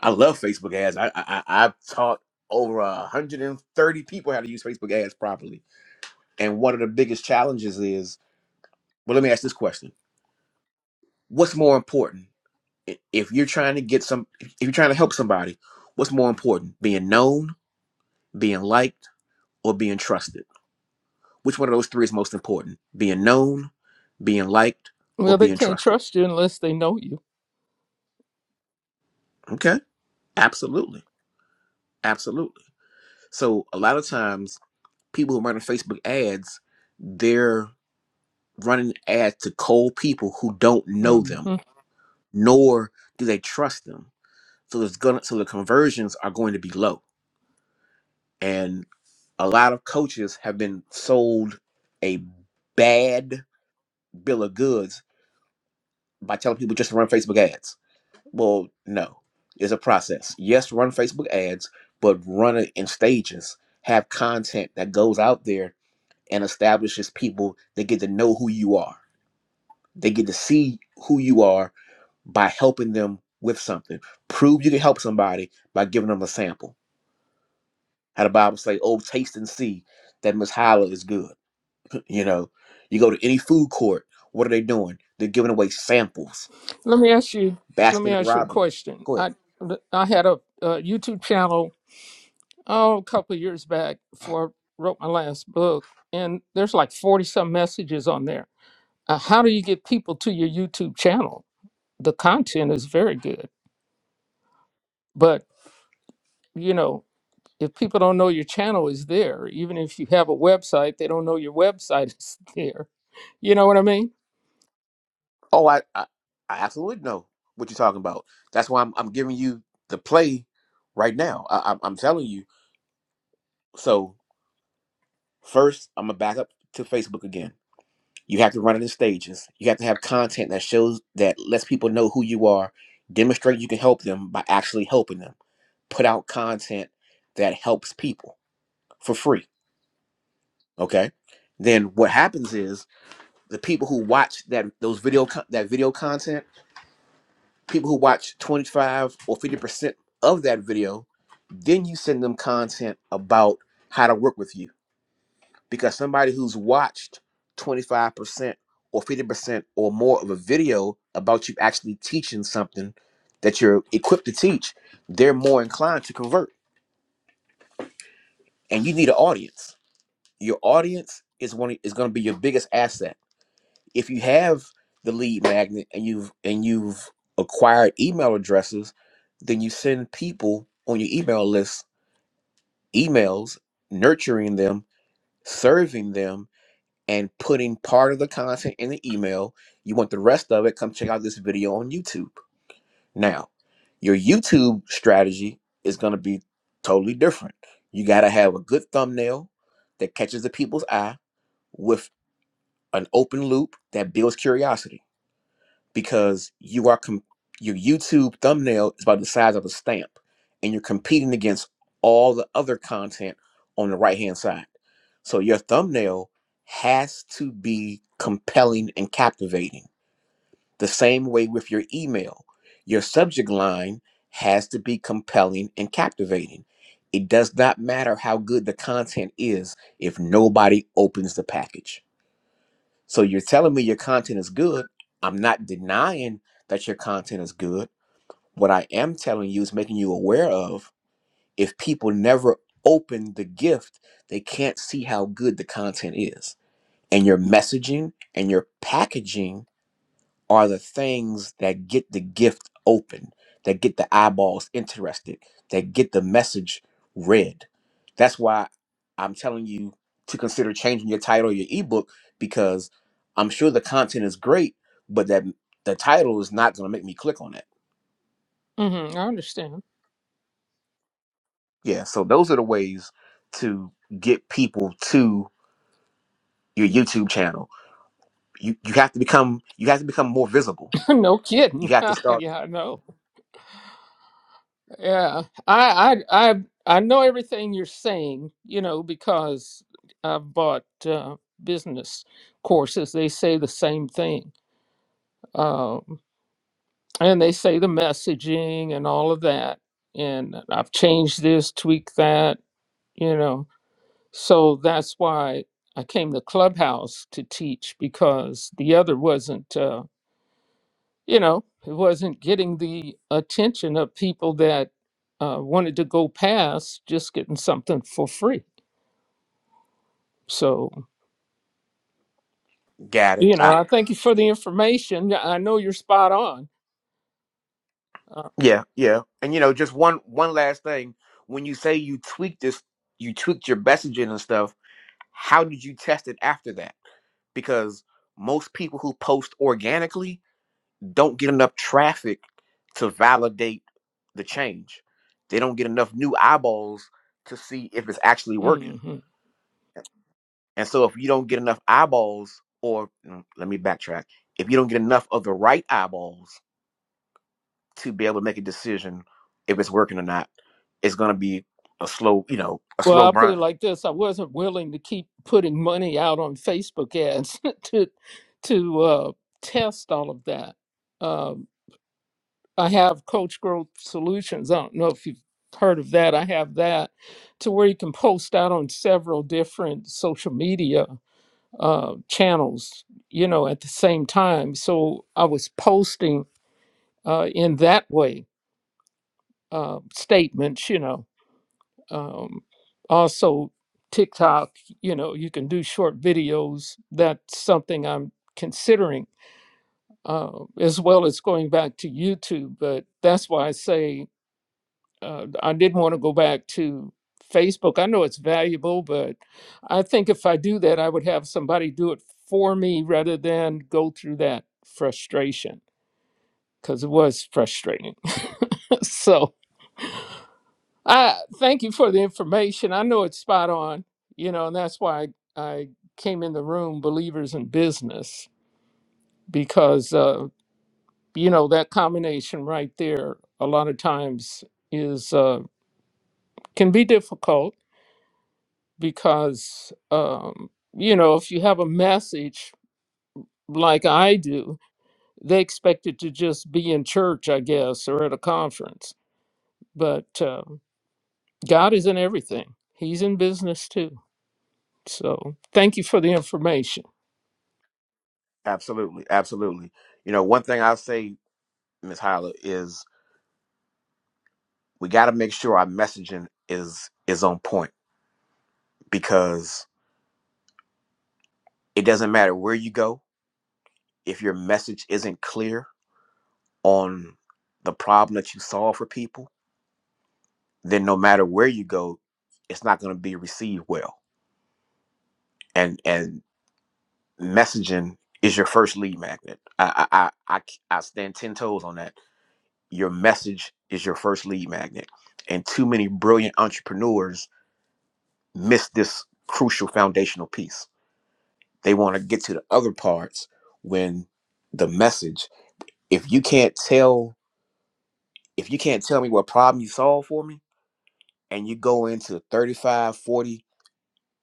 Speaker 1: I love Facebook ads. I, I I- I've taught over 130 people how to use Facebook ads properly. And one of the biggest challenges is, well, let me ask this question: What's more important I- if you're trying to get some, if you're trying to help somebody? What's more important, being known, being liked, or being trusted? Which one of those three is most important? Being known, being liked, or
Speaker 3: Well, they
Speaker 1: being
Speaker 3: can't
Speaker 1: trusted?
Speaker 3: trust you unless they know you.
Speaker 1: Okay, absolutely, absolutely. So a lot of times, people who run Facebook ads, they're running ads to cold people who don't know them,
Speaker 3: Mhm.
Speaker 1: nor do they trust them. So there's gonna so the conversions are going to be low. And a lot of coaches have been sold a bad bill of goods by telling people just run Facebook ads. Well, no. It's a process. Yes, run Facebook ads, but run it in stages. Have content that goes out there and establishes people They get to know who you are. They get to see who you are by helping them with something. Prove you can help somebody by giving them a sample. How the Bible say, "Oh, taste and see that Miss Hyla is good." You know, you go to any food court. What are they doing? They're giving away samples.
Speaker 3: Let me ask you. Let me
Speaker 1: Baskin and
Speaker 3: ask you a
Speaker 1: Robbins.
Speaker 3: question.
Speaker 1: Go ahead.
Speaker 3: I I had a, a YouTube channel oh, a couple of years back before I wrote my last book, and there's like 40 some messages on there. Uh, how do you get people to your YouTube channel? The content is very good, but you know, if people don't know your channel is there, even if you have a website, they don't know your website is there. You know what I mean?
Speaker 1: Oh, I, I, I absolutely know what you're talking about. That's why I'm, I'm giving you the play right now. I, I'm, I'm telling you. So first, I'm gonna back up to Facebook again You have to run it in stages. You have to have content that shows that lets people know who you are. Demonstrate you can help them by actually helping them. Put out content that helps people for free. Okay. Then what happens is the people who watch that those video con- that video content, people who watch 25 or 50 percent of that video, then you send them content about how to work with you because somebody who's watched 25% or 50% or more of a video about you actually teaching something that you're equipped to teach, they're more inclined to convert. And you need an audience. Your audience is one is going to be your biggest asset. If you have the lead magnet and you've and you've acquired email addresses, then you send people on your email list emails nurturing them, serving them and putting part of the content in the email. You want the rest of it, come check out this video on YouTube. Now, your YouTube strategy is going to be totally different. You got to have a good thumbnail that catches the people's eye with an open loop that builds curiosity because you are com- your YouTube thumbnail is about the size of a stamp, and you're competing against all the other content on the right hand side. So your thumbnail has to be compelling and captivating. The same way with your email, your subject line has to be compelling and captivating. It does not matter how good the content is if nobody opens the package. So you're telling me your content is good. I'm not denying that your content is good. What I am telling you is making you aware of if people never open the gift, they can't see how good the content is. And your messaging and your packaging are the things that get the gift open, that get the eyeballs interested, that get the message read. That's why I'm telling you to consider changing your title, of your ebook, because I'm sure the content is great, but that the title is not going to make me click on it.
Speaker 3: hmm I understand.
Speaker 1: Yeah, so those are the ways to get people to your YouTube channel. You you have to become you have to become more visible.
Speaker 3: no
Speaker 1: You
Speaker 3: kidding.
Speaker 1: have to start.
Speaker 3: yeah, I know. Yeah, I, I, I, I know everything you're saying, you know, because I've bought uh, business courses. They say the same thing, um, and they say the messaging and all of that. And I've changed this, tweaked that, you know. So that's why I came to Clubhouse to teach because the other wasn't. Uh, you know, it wasn't getting the attention of people that uh, wanted to go past just getting something for free. So,
Speaker 1: Got it.
Speaker 3: you know,
Speaker 1: I,
Speaker 3: I thank you for the information. Yeah, I know you're spot on. Uh,
Speaker 1: Yeah, yeah. And you know, just one one last thing. When you say you tweaked this, you tweaked your messaging and stuff, how did you test it after that? Because most people who post organically don't get enough traffic to validate the change. They don't get enough new eyeballs to see if it's actually working.
Speaker 3: hmm
Speaker 1: And so if you don't get enough eyeballs or mm, let me backtrack. If you don't get enough of the right eyeballs to be able to make a decision if it's working or not it's going to be a slow you know a
Speaker 3: Well,
Speaker 1: slow
Speaker 3: I'll put it
Speaker 1: grind
Speaker 3: like this: I wasn't willing to keep putting money out on Facebook ads to to uh, test all of that. Um, I have Coach Growth Solutions. I don't know if you've heard of that. I have that to where you can post out on several different social media uh, channels, you know, at the same time. So I was posting uh, in that way uh, statements, you know. Um, also, TikTok, you know, you can do short videos. That's something I'm considering, uh, as well as going back to YouTube. But that's why I say uh, I didn't want to go back to Facebook. I know it's valuable, but I think if I do that, I would have somebody do it for me rather than go through that frustration because it was frustrating. so I thank you for the information. I know it's spot on, you know, and that's why I, I came in the room, Believers in Business, because, uh, you know, that combination right there a lot of times is uh, can be difficult because um, you know if you have a message like I do, they expect it to just be in church, I guess, or at a conference. But um, God is in everything; He's in business too. So thank you for the information.
Speaker 1: absolutely absolutely you know one thing i'll say ms Hyla, is we got to make sure our messaging is is on point because it doesn't matter where you go if your message isn't clear on the problem that you solve for people then no matter where you go it's not going to be received well and and messaging is your first lead magnet. I I I I I stand ten toes on that. Your message is your first lead magnet, and too many brilliant entrepreneurs miss this crucial foundational piece. They want to get to the other parts when the message. If you can't tell, if you can't tell me what problem you solve for me, and you go into thirty-five, forty,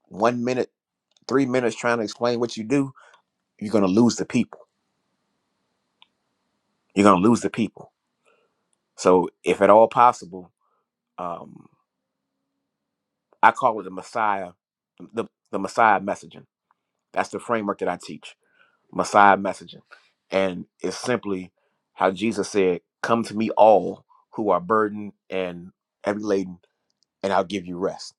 Speaker 1: one minute, three minutes trying to explain what you do, you're gonna lose the people. You're gonna lose the people. So, if at all possible, Um, I call it the Messiah, the, the Messiah messaging. That's the framework that I teach, Messiah messaging. And it's simply how Jesus said, Come to me, all who are burdened and heavy laden, and I'll give you rest.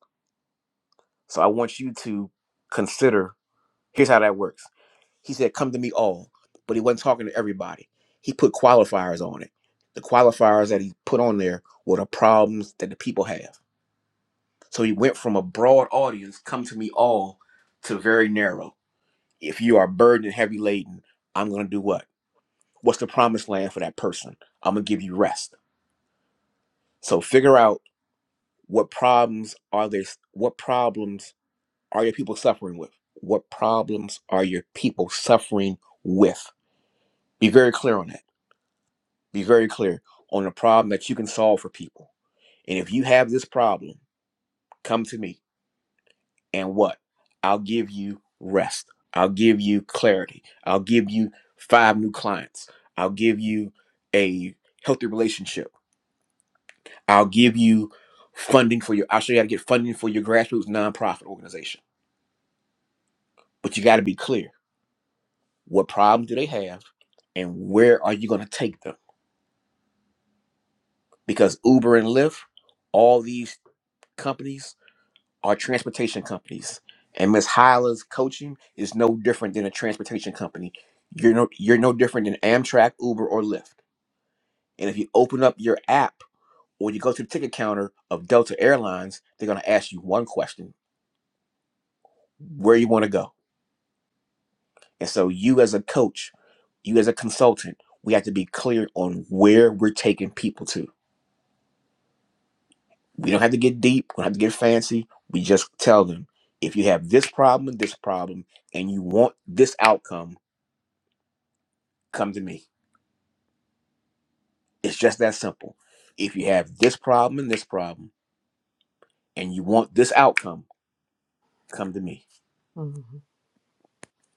Speaker 1: So I want you to consider here's how that works. He said, Come to me, all, but he wasn't talking to everybody. He put qualifiers on it. The qualifiers that he put on there were the problems that the people have. So he went from a broad audience, come to me all, to very narrow. If you are burdened and heavy laden, I'm going to do what? What's the promised land for that person? I'm going to give you rest. So figure out what problems are they, what problems are your people suffering with? What problems are your people suffering with? Be very clear on that. Be very clear on a problem that you can solve for people. And if you have this problem, come to me and what? I'll give you rest. I'll give you clarity. I'll give you five new clients. I'll give you a healthy relationship. I'll give you funding for your, I'll show you how to get funding for your grassroots nonprofit organization. But you got to be clear what problems do they have and where are you going to take them? Because Uber and Lyft, all these companies, are transportation companies, and Miss Hyla's coaching is no different than a transportation company. You're no you're no different than Amtrak, Uber, or Lyft. And if you open up your app or you go to the ticket counter of Delta Airlines, they're going to ask you one question: Where you want to go? And so you as a coach, you as a consultant, we have to be clear on where we're taking people to. We don't have to get deep. We don't have to get fancy. We just tell them if you have this problem, this problem, and you want this outcome come to me. It's just that simple. If you have this problem and this problem and you want this outcome, come to me.
Speaker 3: Mhm.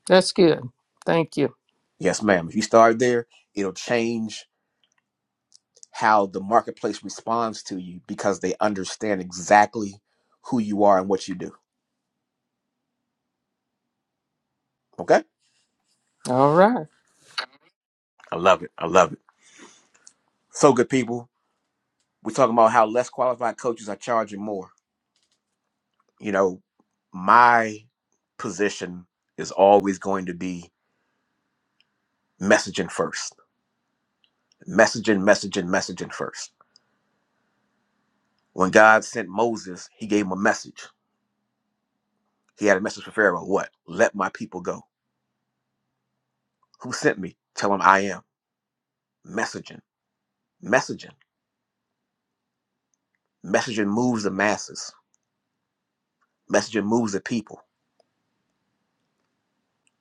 Speaker 3: That's good. Thank you.
Speaker 1: Yes, ma'am. If you start there, it'll change how the marketplace responds to you because they understand exactly who you are and what you do. Okay?
Speaker 3: All right.
Speaker 1: I love it. I love it. So good people. We're talking about how less qualified coaches are charging more. You know, my position is always going to be messaging first. Messaging, messaging, messaging first When God sent Moses, he gave him a message. He had a message for Pharaoh. What? Let my people go. Who sent me? Tell him I am. Messaging. Messaging. Messaging moves the masses. Messaging moves the people.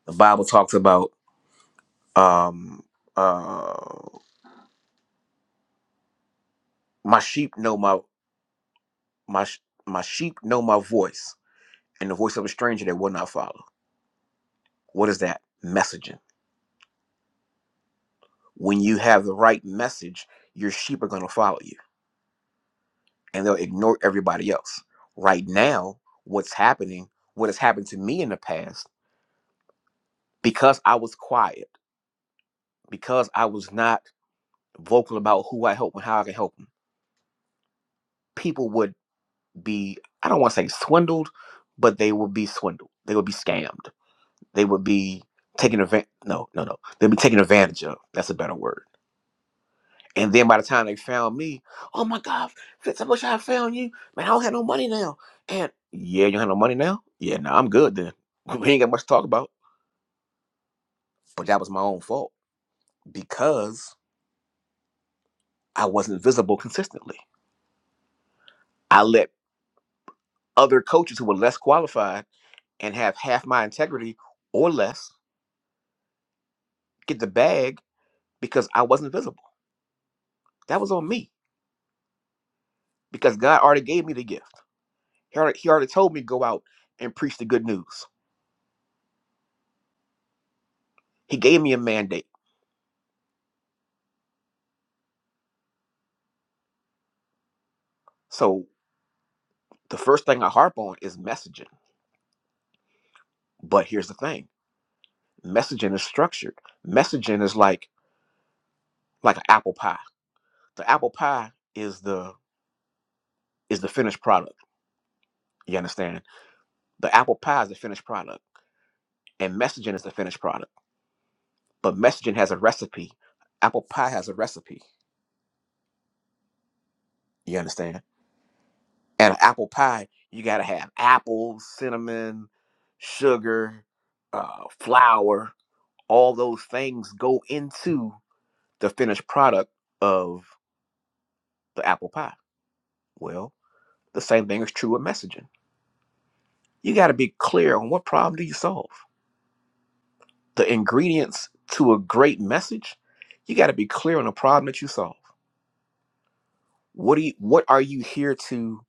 Speaker 1: The Bible talks about um uh my sheep know my my sh- my sheep know my voice and the voice of a stranger they will not follow. What is that? Messaging. When you have the right message, your sheep are going to follow you and they'll ignore everybody else. Right now, what's happening, what has happened to me in the past, because I was quiet, because I was not vocal about who I help and how I can help them, people would be, I don't want to say swindled, but they would be swindled. They would be scammed. They would be taken advantage, no, no, no. They'd be taken advantage of. That's a better word And then by the time they found me, oh my God, Fitz, I wish I had found you. Man, I don't have no money now. And yeah, you don't have no money now? Yeah, no, I'm good then. We ain't got much to talk about. But that was my own fault because I wasn't visible consistently. I let other coaches who were less qualified and have half my integrity or less get the bag because I wasn't visible. That was on me because God already gave me the gift. He already, he already told me go out and preach the good news. He gave me a mandate. So the first thing I harp on is messaging. But here's the thing: messaging is structured. Messaging is like like an apple pie. The apple pie is the is the finished product. You understand? The apple pie is the finished product, and messaging is the finished product. But messaging has a recipe. Apple pie has a recipe. You understand? And an apple pie, you gotta have apples, cinnamon, sugar, uh, flour. All those things go into the finished product of the apple pie. Well, the same thing is true with messaging. You got to be clear on what problem do you solve. The ingredients to a great message, you got to be clear on the problem that you solve. What do you, what are you here to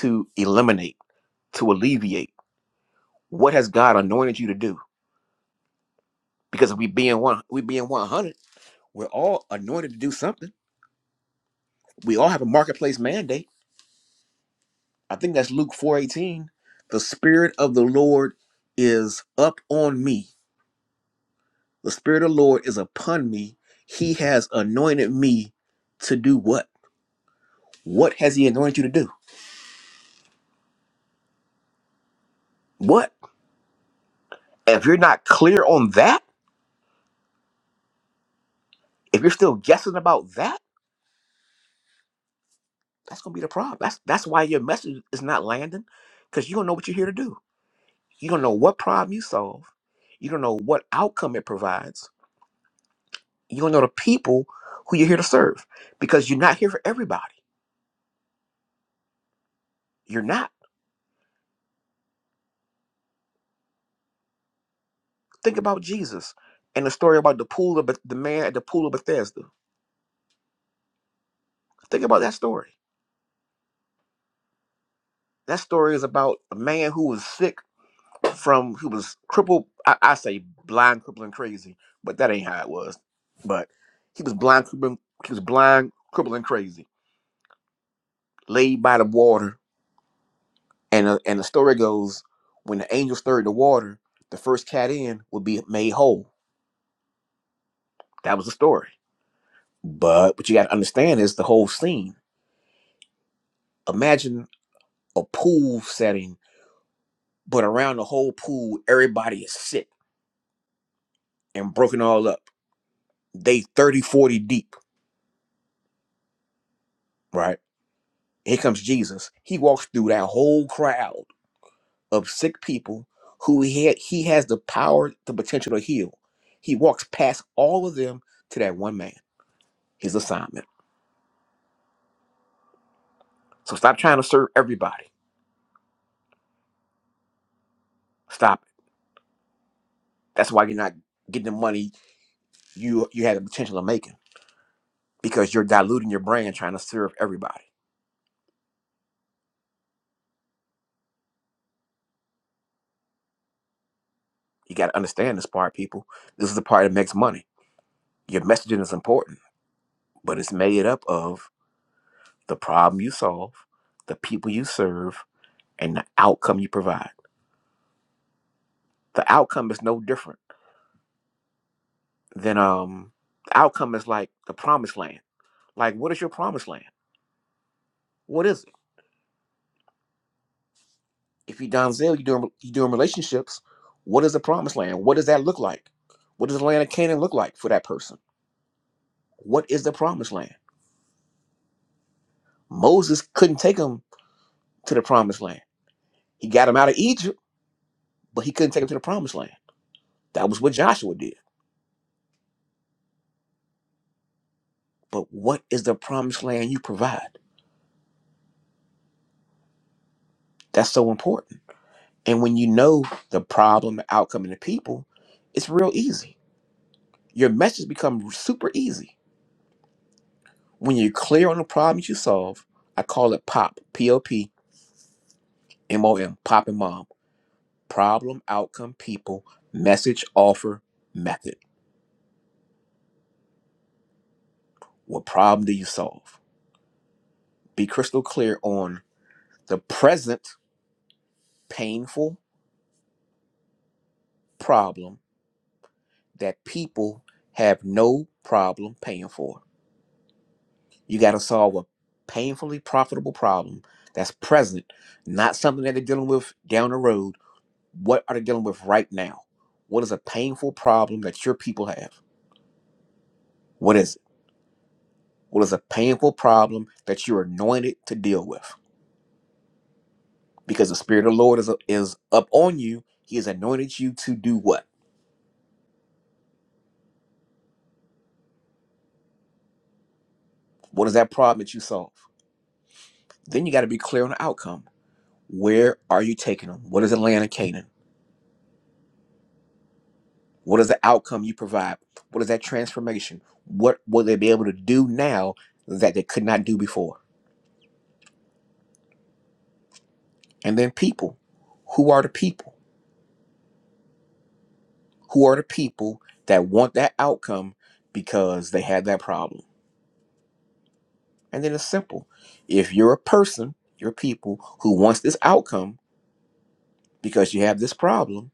Speaker 1: to eliminate, to alleviate? What has God anointed you to do? Because if we being one, we being one hundred, we're all anointed to do something. We all have a marketplace mandate. I think that's Luke four eighteen. The spirit of the Lord is up on me The Spirit of the Lord is upon me. He has anointed me to do what? What has He anointed you to do? What? If you're not clear on that, if you're still guessing about that, that's gonna be the problem. That's that's why your message is not landing, because you don't know what you're here to do. You don't know what problem you solve. You don't know what outcome it provides. You don't know the people who you're here to serve, because you're not here for everybody. You're not. Think about Jesus and the story about the pool of Beth- the man at the pool of Bethesda. Think about that story That story is about a man who was sick from who was crippled. I, I say blind, crippling, crazy, but that ain't how it was. But he was blind, crippling, he was blind, crippling, crazy, laid by the water. And uh, and the story goes, when the angel stirred the water, the first cat in would be made whole. That was the story. But what you got to understand is the whole scene. Imagine a pool setting, but around the whole pool, everybody is sick and broken all up. They 30, forty deep. right? Here comes Jesus. He walks through that whole crowd of sick people who he had, he has the power, the potential to heal. He walks past all of them to that one man, his assignment. So stop trying to serve everybody. Stop it. That's why you're not getting the money you you had the potential of making because you're diluting your brand trying to serve everybody. You got to understand this part, people. This is the part that makes money. Your messaging is important, but it's made up of the problem you solve, the people you serve, and the outcome you provide. The outcome is no different than um the outcome is like the promised land. Like what is your promised land? What is it? If you Donzel, you doing you doing relationships, what is the promised land? What does that look like? What does the land of Canaan look like for that person? What is the promised land? Moses couldn't take him to the promised land. He got him out of Egypt, but he couldn't take him to the promised land. That was what Joshua did. But what is the promised land you provide? That's so important And when you know the problem, the outcome, and the people, it's real easy. Your message becomes super easy. When you're clear on the problems you solve, I call it POP, P O P M O M, Pop and Mom. Problem, outcome, people, message, offer, method. What problem do you solve? Be crystal clear on the present painful problem that people have no problem paying for You got to solve a painfully profitable problem that's present, not something that they're dealing with down the road. What are they dealing with right now? What is a painful problem that your people have? What is it? What is a painful problem that you're anointed to deal with? Because the Spirit of the Lord is, is up on you. He has anointed you to do what? What is that problem that you solve? Then you got to be clear on the outcome. Where are you taking them? What is the land of Canaan? What is the outcome you provide? What is that transformation? What will they be able to do now that they could not do before? And then people. Who are the people? Who are the people that want that outcome because they had that problem? And then it's simple. If you're a person, you're people who wants this outcome because you have this problem,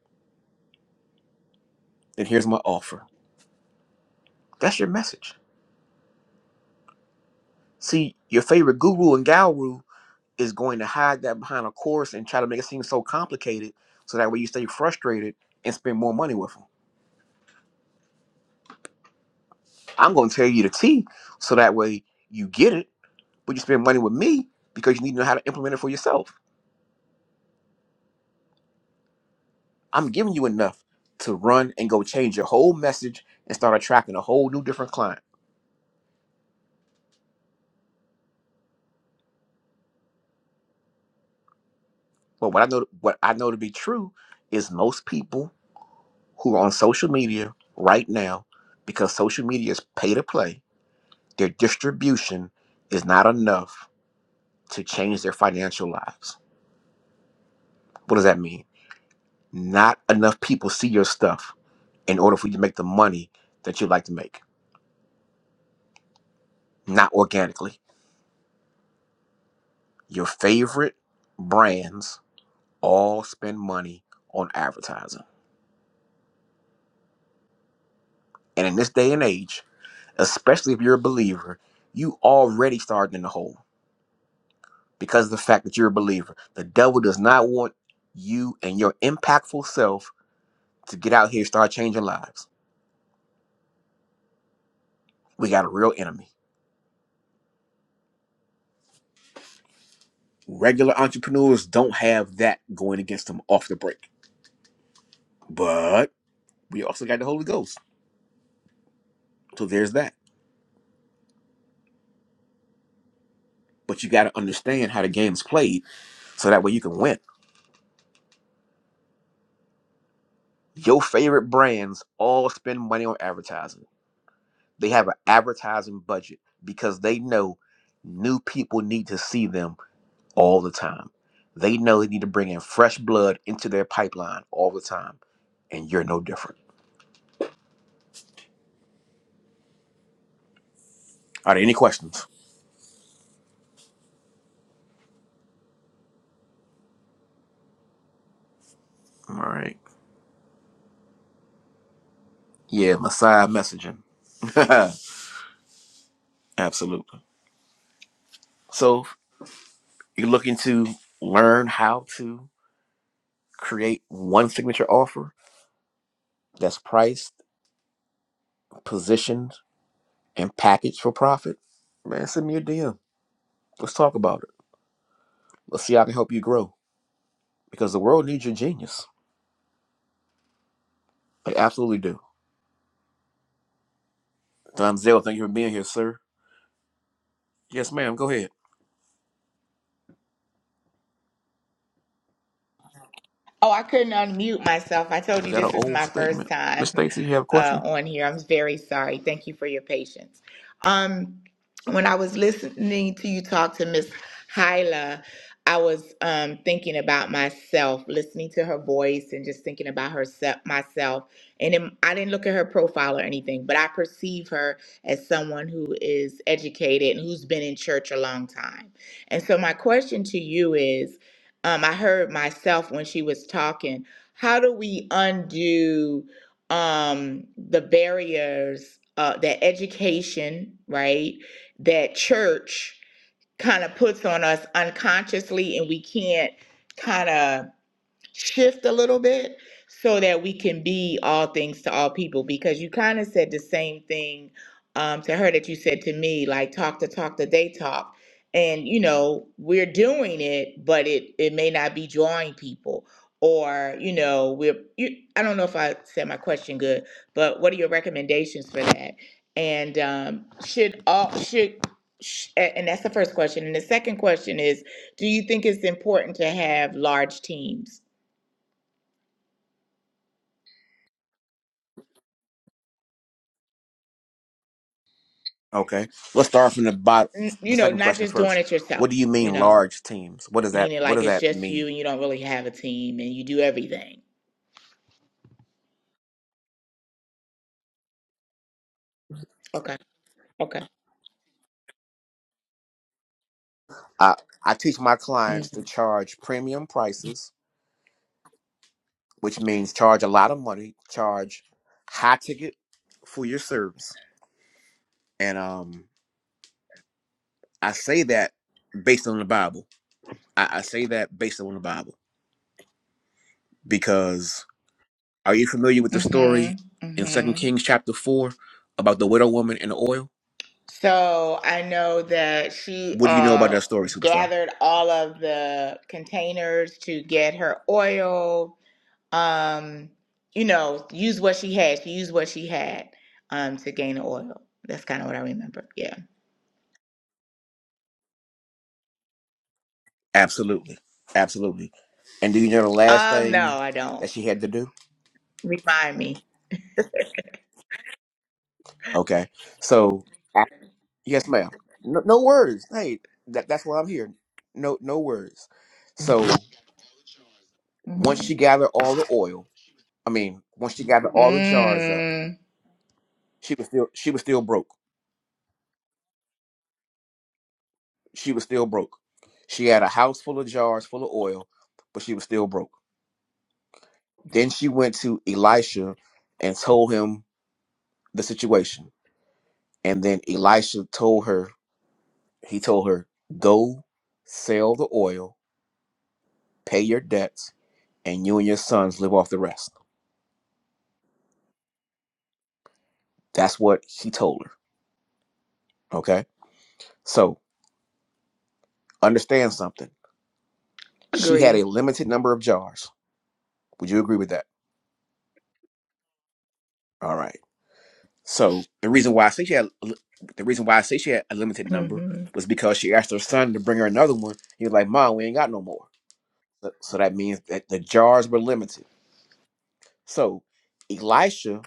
Speaker 1: then here's my offer. That's your message. See, your favorite guru and guru is going to hide that behind a course and try to make it seem so complicated so that way you stay frustrated and spend more money with them. I'm going to tell you the T so that way you get it, but you spend money with me because you need to know how to implement it for yourself. I'm giving you enough to run and go change your whole message and start attracting a whole new different client. But what I know what I know to be true is most people who are on social media right now because social media is pay to play, their distribution is not enough to change their financial lives. What does that mean? Not enough people see your stuff in order for you to make the money that you like to make, not organically. Your favorite brands all spend money on advertising. And in this day and age, especially if you're a believer, you already started in the hole because of the fact that you're a believer. The devil does not want you and your impactful self to get out here and start changing lives. We got a real enemy Regular entrepreneurs don't have that going against them off the break. But we also got the Holy Ghost. So there's that. But you got to understand how the game's played so that way you can win. Your favorite brands all spend money on advertising. They have an advertising budget because they know new people need to see them all the time. They know they need to bring in fresh blood into their pipeline all the time. And you're no different. Are there any questions? All right. Yeah, Messiah messaging. Absolutely. So you're looking to learn how to create one signature offer that's priced, positioned, and packaged for profit? Man, send me a DM. Let's talk about it. Let's see how I can help you grow because the world needs your genius. They absolutely do. Don Zell, thank you for being here, sir. Yes, ma'am. Go ahead.
Speaker 2: Oh, I couldn't unmute myself. I told
Speaker 1: Is
Speaker 2: you
Speaker 1: that an
Speaker 2: this is
Speaker 1: old
Speaker 2: my first
Speaker 1: statement? Miss
Speaker 2: time
Speaker 1: Stacy, you have a
Speaker 2: uh,
Speaker 1: question?
Speaker 2: on here. I'm very sorry. Thank you for your patience. Um, when I was listening to you talk to Miss Hyla, I was um, thinking about myself, listening to her voice, and just thinking about herself, myself. And it, I didn't look at her profile or anything, but I perceive her as someone who is educated and who's been in church a long time. And so my question to you is um, I heard myself when she was talking. How do we undo um, the barriers uh, that education, right, that church kind of puts on us unconsciously, and we can't kind of shift a little bit so that we can be all things to all people because you kind of said the same thing um, to her that you said to me like talk to talk that they talk and you know we're doing it but it it may not be drawing people or you know we're you, i don't know if i said my question good but what are your recommendations for that and um, should all should sh- a- and that's the first question and the second question is do you think it's important to have large teams
Speaker 1: Okay. Let's start from the bottom.
Speaker 2: n- you
Speaker 1: The
Speaker 2: know,
Speaker 1: second
Speaker 2: not
Speaker 1: question
Speaker 2: just doing
Speaker 1: first.
Speaker 2: it yourself,
Speaker 1: What do you
Speaker 2: you
Speaker 1: mean
Speaker 2: know,
Speaker 1: large teams? What does that
Speaker 2: meaning
Speaker 1: What
Speaker 2: like
Speaker 1: does
Speaker 2: it's
Speaker 1: that
Speaker 2: just you
Speaker 1: mean?
Speaker 2: and you don't really have a team and you do everything. Okay. Okay.
Speaker 1: I, I teach my clients
Speaker 2: Mm-hmm.
Speaker 1: to charge premium prices, which means charge a lot of money, charge high ticket for your service. And um, I say that based on the Bible. I, I say that based on the Bible because are you familiar with the story in Second
Speaker 2: Mm-hmm.
Speaker 1: Kings chapter four about the widow woman and the oil?
Speaker 2: So I know that she
Speaker 1: What do you know about
Speaker 2: uh
Speaker 1: that story, superstar?
Speaker 2: gathered all of the containers to get her oil. Um, you know, use what she had. She used what she had um to gain the oil. That's kind of what I remember. Yeah.
Speaker 1: Absolutely. Absolutely. And do you know the last
Speaker 2: Um, no,
Speaker 1: thing
Speaker 2: I
Speaker 1: that
Speaker 2: don't.
Speaker 1: she had to do?
Speaker 2: Remind me.
Speaker 1: Okay. So, I- yes, ma'am. No, no words. Hey, that, that's why I'm here. No, no words. So once
Speaker 2: Mm-hmm.
Speaker 1: she gathered all the oil, I mean, once she got all the jars up,
Speaker 2: Mm.
Speaker 1: she was still she was still broke. She was still broke. She had a house full of jars full of oil, but she was still broke. Then she went to Elisha and told him the situation. And then Elisha told her, he told her, go sell the oil, pay your debts, and you and your sons live off the rest. That's what he told her. Okay. So understand something. She had a
Speaker 2: Agree.
Speaker 1: limited number of jars. Would you agree with that? All right So the reason why I say she had the reason why I say she had a limited number
Speaker 2: hmm
Speaker 1: was because she asked her son to bring her another one. He was like, "Mom, we ain't got no more." So, so that means that the jars were limited. So Elisha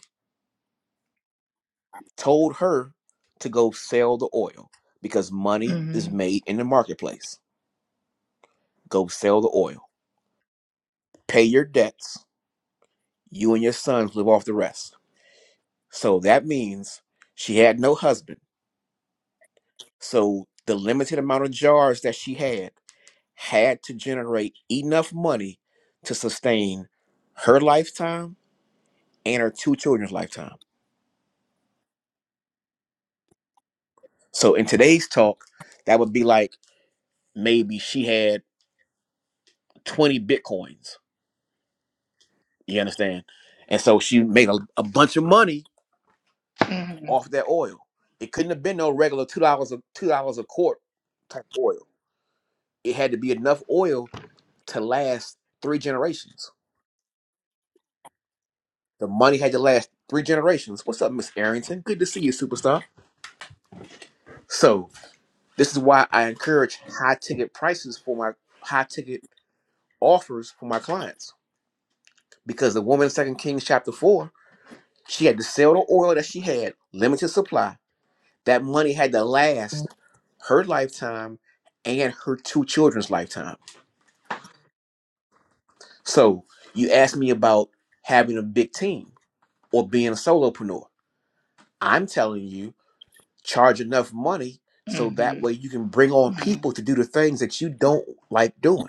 Speaker 1: told her to go sell the oil because money is
Speaker 2: hmm
Speaker 1: made in the marketplace. Go sell the oil, pay your debts. You and your sons live off the rest. So that means she had no husband. So the limited amount of jars that she had had to generate enough money to sustain her lifetime and her two children's lifetime. So in today's talk, that would be like maybe she had 20 bitcoins. You understand? And so she made a, a bunch of money
Speaker 2: hmm
Speaker 1: off that oil. It couldn't have been no regular two dollars a two dollars a quart type oil. It had to be enough oil to last three generations. The money had to last three generations. What's up, Miss Arrington? Good to see you, superstar. So This is why I encourage high ticket prices for my high ticket offers for my clients. Because the woman in 2 Kings chapter 4, she had to sell the oil that she had, limited supply. That money had to last her lifetime and her two children's lifetime. So you asked me about having a big team or being a solopreneur. I'm telling you, charge enough money so that
Speaker 2: hmm
Speaker 1: way you can bring on people to do the things that you don't like doing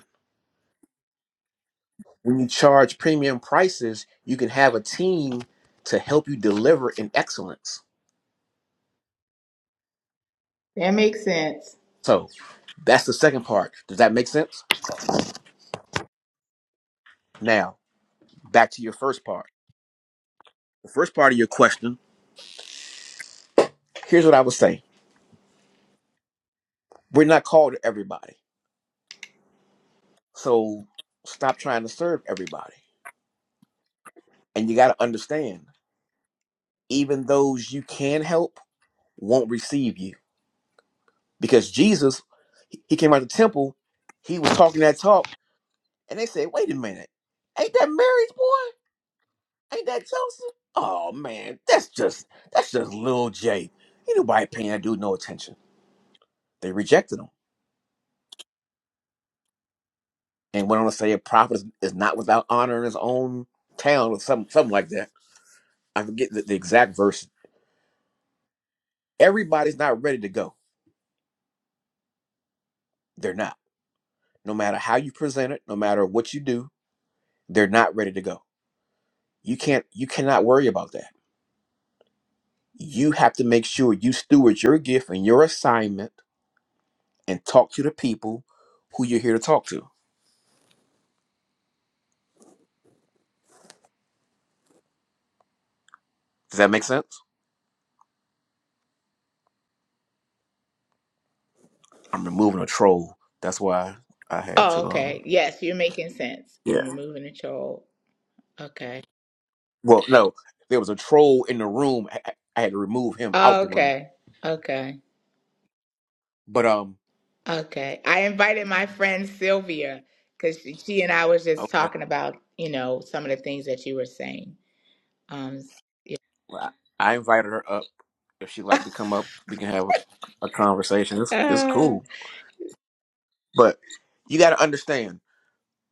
Speaker 1: when you charge premium prices, you can have a team to help you deliver in excellence.
Speaker 2: That makes sense.
Speaker 1: So that's the second part. Does that make sense? Now, back to your first part. The first part of your question, here's what I would say. We're not called to everybody. So stop trying to serve everybody. And you got to understand, even those you can help won't receive you. Because Jesus, he he came out of the temple, he was talking that talk, and they said, wait a minute, ain't that Mary's boy? Ain't that Joseph? Oh man, that's just that's just little J. Ain't nobody paying that dude no attention. They rejected him and went on to say a prophet is, is not without honor in his own town or something something like that. I forget the, the exact verse. Everybody's not ready to go. They're not. No matter how you present it, no matter what you do, they're not ready to go. You can't you cannot worry about that. You have to make sure you steward your gift and your assignment and talk to the people who you're here to talk to. Does that make sense? I'm removing a troll. That's why I had
Speaker 2: Oh,
Speaker 1: to um
Speaker 2: okay. Yes, you're making sense
Speaker 1: yeah.
Speaker 2: in removing the troll. Okay.
Speaker 1: Well, no, there was a troll in the room. I, I I had to remove him out
Speaker 2: Oh,
Speaker 1: the room.
Speaker 2: okay. Okay.
Speaker 1: But um
Speaker 2: Okay. I invited my friend Sylvia because she, she and I was just
Speaker 1: okay,
Speaker 2: talking about, you know, some of the things that you were saying. Um,
Speaker 1: well, I I invited her up. If she'd
Speaker 2: uh,
Speaker 1: like to come up, we can have a, a conversation. It's it's cool. But you got to understand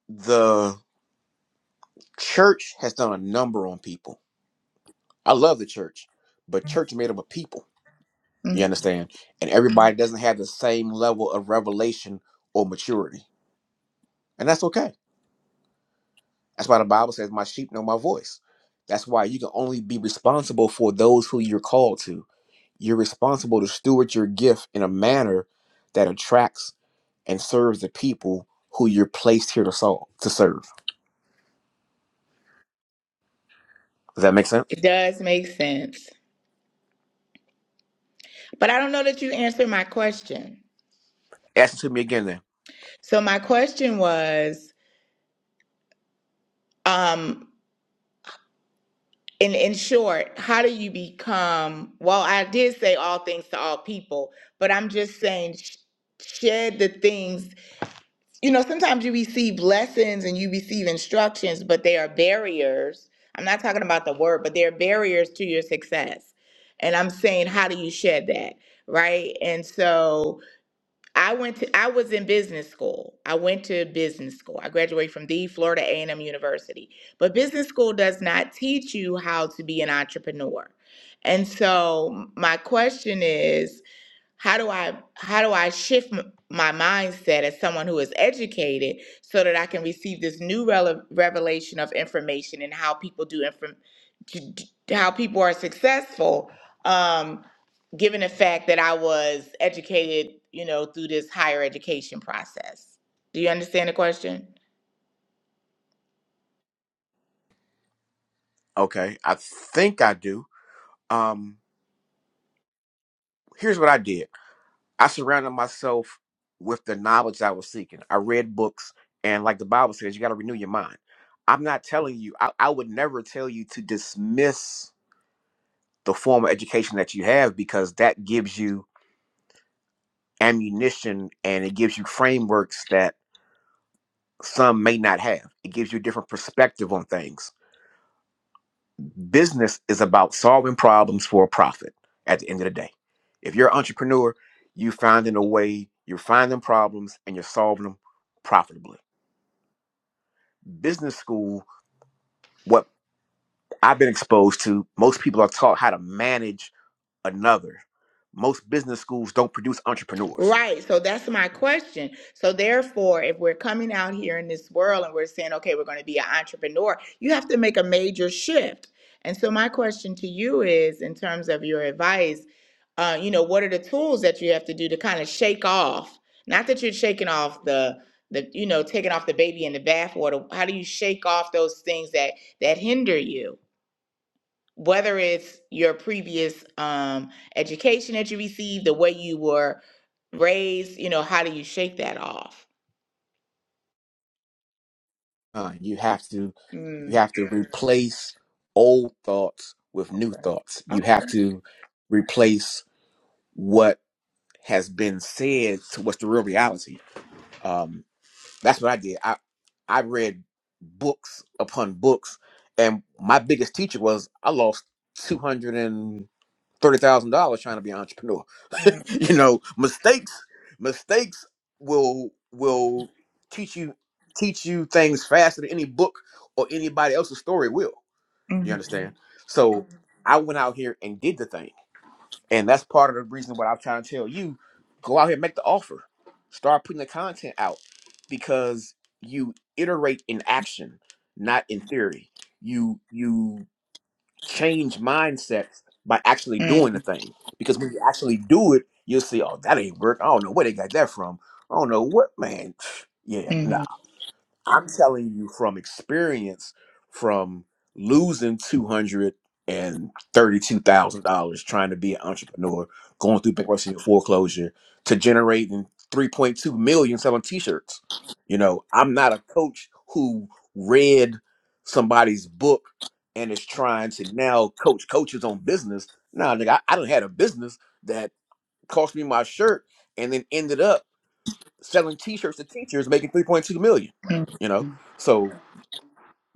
Speaker 1: the church has done a number on people. I love the church, but church is made up of people. You
Speaker 2: mm,
Speaker 1: understand? And everybody doesn't have the same level of revelation or maturity. And that's okay That's why the Bible says, My sheep know my voice. That's why you can only be responsible for those who you're called to. You're responsible to steward your gift in a manner that attracts and serves the people who you're placed here to solve, to serve. Does that make sense?
Speaker 2: it does make sense. But I don't know that you answered my question.
Speaker 1: Ask it to me again then.
Speaker 2: So my question was, um, in in short, how do you become? Well, I did say all things to all people, but I'm just saying sh- shed the things. You know, sometimes you receive lessons and you receive instructions, but they are barriers. I'm not talking about the word, but they are barriers to your success. And I'm saying, how do you shed that? Right? And so I went to I was in business school. I went to business school. I graduated from the Florida A&M University. But business school does not teach you how to be an entrepreneur. And so my question is how do i how do i shift m- my mindset as someone who is educated so that i can receive this new rele- revelation of information and how people do inform d- d- how people are successful um given the fact that i was educated you know through this higher education process do you understand the question
Speaker 1: Okay. I think I do. Um, here's what I did. I surrounded myself with the knowledge I was seeking. I read books and like the Bible says, you gotta renew your mind. I'm not telling you, I, I would never tell you to dismiss the formal education that you have because that gives you ammunition and it gives you frameworks that some may not have. It gives you a different perspective on things. Business is about solving problems for a profit at the end of the day. If you're an entrepreneur, you're finding a way, you're finding problems and you're solving them profitably. Business school, what I've been exposed to, most people are taught how to manage another. Most business schools don't produce entrepreneurs.
Speaker 2: Right. So that's my question. So therefore, if we're coming out here in this world and we're saying, okay, we're going to be an entrepreneur, you have to make a major shift. And so my question to you is, in terms of your advice, uh, you know, what are the tools that you have to do to kind of shake off? Not that you're shaking off the the you know taking off the baby in the bathwater. How do you shake off those things that that hinder you? whether it's your previous um, education that you received, the way you were raised, you know, how do you shake that off?
Speaker 1: Uh, you have to you
Speaker 2: Mm.
Speaker 1: have to replace old thoughts with new thoughts. You have to replace what has been said to what's the real reality. Um, That's what I did. I I read books upon books, and my biggest teacher was I lost two hundred and thirty thousand dollars trying to be an entrepreneur.
Speaker 2: Mm,
Speaker 1: you know, mistakes mistakes will will teach you teach you things faster than any book or anybody else's story will. You
Speaker 2: mhm,
Speaker 1: understand? So Mhm. I went out here and did the thing and that's part of the reason what I'm trying to tell you. Go out here, make the offer. Start putting the content out because you iterate in action, not in theory. You you change mindsets by actually
Speaker 2: mm,
Speaker 1: doing the thing. Because when you actually do it, you'll see, oh, that ain't work. I don't know where they got that from. I don't know what man. Yeah. no.
Speaker 2: mhm, mhm,
Speaker 1: I'm telling you from experience from losing two hundred and thirty-two thousand dollars trying to be an entrepreneur, going through bankruptcy and foreclosure, to generating three point two million selling T-shirts. You know, I'm not a coach who read somebody's book and is trying to now coach coaches on business. Nah, nigga, I, I done had a business that cost me my shirt and then ended up selling t-shirts to teachers making 3.2 million
Speaker 2: mhm,
Speaker 1: you know
Speaker 2: mhm,
Speaker 1: so Yeah.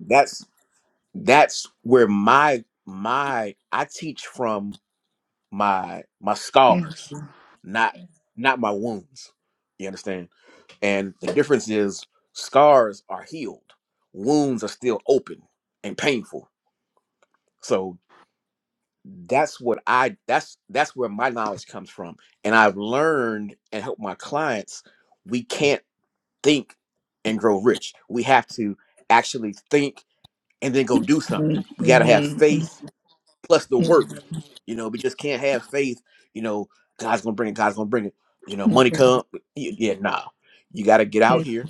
Speaker 1: that's that's where my my i teach from my my scars not Mhm. not my wounds you understand and the difference is scars are healed wounds are still open and painful so that's what i that's that's where my knowledge comes from and i've learned and helped my clients we can't think and grow rich. We have to actually think and then go do something. We got to have
Speaker 2: mhm,
Speaker 1: faith plus the work. You know, we just can't have faith. You know, God's gonna bring it. God's gonna bring it. You
Speaker 2: mhm,
Speaker 1: know, money
Speaker 2: mhm,
Speaker 1: come. Y- Yeah, nah. You got to get out
Speaker 2: mhm,
Speaker 1: here.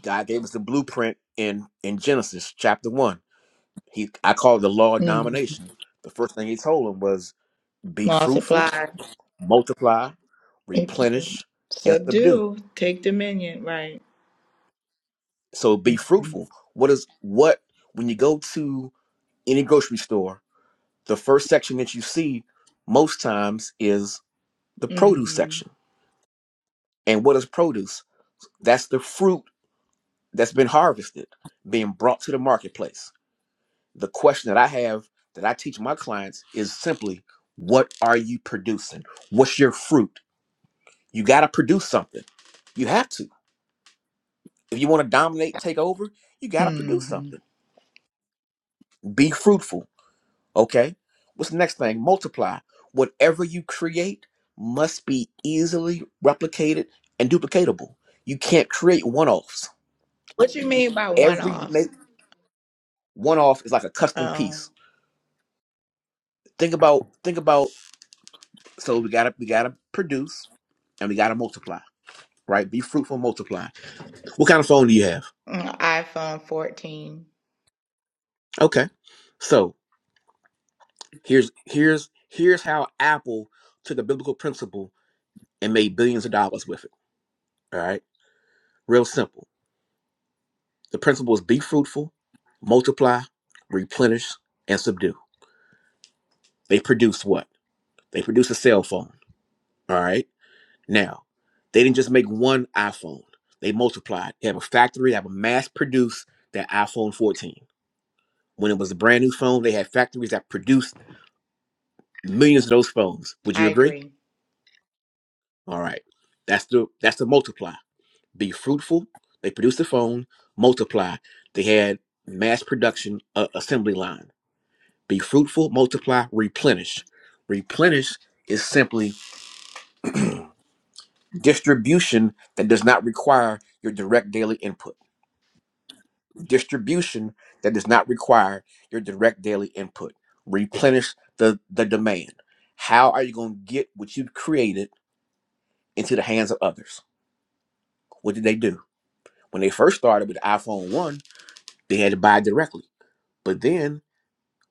Speaker 1: God gave us the blueprint in in Genesis chapter one. He, I call it the law of
Speaker 2: mhm.
Speaker 1: domination. The first thing he told him was, "Be fruitful,
Speaker 2: Multiply,
Speaker 1: multiply, replenish, and subdue."
Speaker 2: subdue, take dominion, right?
Speaker 1: So be
Speaker 2: Mhm,
Speaker 1: fruitful. What is what when you go to any grocery store, the first section that you see most times is the produce
Speaker 2: mhm,
Speaker 1: section. And what is produce? That's the fruit that's been harvested, being brought to the marketplace. The question that I have that I teach my clients is simply, what are you producing? What's your fruit? You got to produce something. You have to. If you want to dominate, take over, you got to produce
Speaker 2: mhm.
Speaker 1: something. Be fruitful Okay. What's the next thing? Multiply. Whatever you create must be easily replicated and duplicatable. You can't create one-offs.
Speaker 2: What you mean by
Speaker 1: Every
Speaker 2: one-offs?
Speaker 1: make one-off is like a custom
Speaker 2: Oh,
Speaker 1: piece. Think about think about so we gotta we gotta produce and we gotta multiply, right? Be fruitful, multiply. What kind of phone do you have?
Speaker 2: mm, iPhone 14.
Speaker 1: Okay. So here's here's here's how Apple took a biblical principle and made billions of dollars with it. All right. Real simple The principle is be fruitful, multiply, replenish, and subdue. They produce what? They produce a cell phone. All right. Now, they didn't just make one iPhone, they multiplied. They have a factory that would mass produce that iPhone 14. When it was a brand new phone, they had factories that produced millions of those phones. Would you
Speaker 2: I
Speaker 1: agree?
Speaker 2: agree.
Speaker 1: All right. That's the that's the multiply. Be fruitful. They produced the phone, multiply. They had mass production uh, assembly lines. Be fruitful, multiply, replenish. Replenish is simply distribution that does not require your direct daily input. Distribution that does not require your direct daily input. Replenish the, the demand. How are you going to get what you've created into the hands of others? What did they do? When they first started with the iPhone 1, they had to buy directly. But then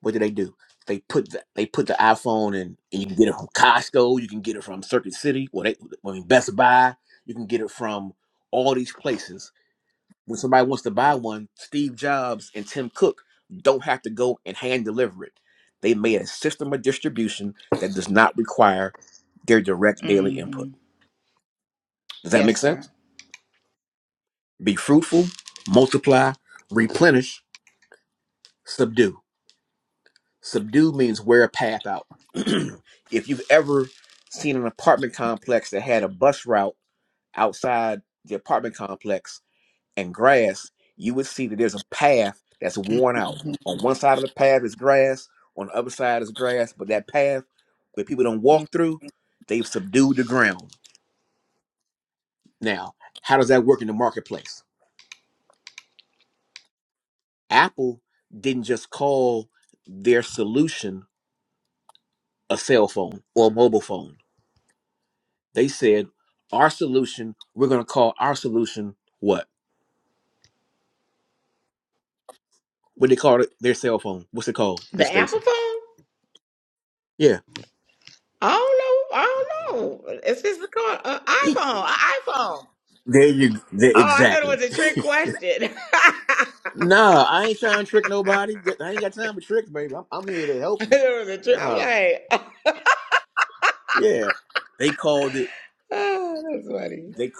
Speaker 1: what do they do? They put the, they put the iPhone in, and you can get it from Costco, you can get it from Circuit City, well, they, I mean Best Buy, you can get it from all these places. When somebody wants to buy one, Steve Jobs and Tim Cook don't have to go and hand deliver it. They made a system of distribution that does not require their direct daily
Speaker 2: hmm
Speaker 1: input. Does that make
Speaker 2: Yes,
Speaker 1: sense?
Speaker 2: sir.
Speaker 1: Be fruitful, multiply, replenish, subdue. Subdue means wear a path out. if you've ever seen an apartment complex that had a bus route outside the apartment complex and grass, you would see that there's a path that's worn out.
Speaker 2: Mhm.
Speaker 1: On one side of the path is grass, on the other side is grass, but that path where people don't
Speaker 2: Mm.
Speaker 1: walk through, they've subdued the ground. Now, how does that work in the marketplace? Apple didn't just call their solution a cell phone or a mobile phone They said our solution. We're going to call our solution what? What they call it? Their cell phone. What's it called, Miss
Speaker 2: The Apple
Speaker 1: Stacy?
Speaker 2: phone?
Speaker 1: Yeah.
Speaker 2: I don't know. I don't know. It's just called an iPhone. An iPhone.
Speaker 1: There you. There,
Speaker 2: Oh, I thought it
Speaker 1: exactly.
Speaker 2: was a trick question. I
Speaker 1: Nah, I ain't trying to trick nobody. Th- I ain't got time for tricks, baby. I'm, I'm here to help
Speaker 2: thought
Speaker 1: you.
Speaker 2: it was a trick. I'm
Speaker 1: Nah,
Speaker 2: like,
Speaker 1: yeah. They called it.
Speaker 2: oh, that's funny.
Speaker 1: They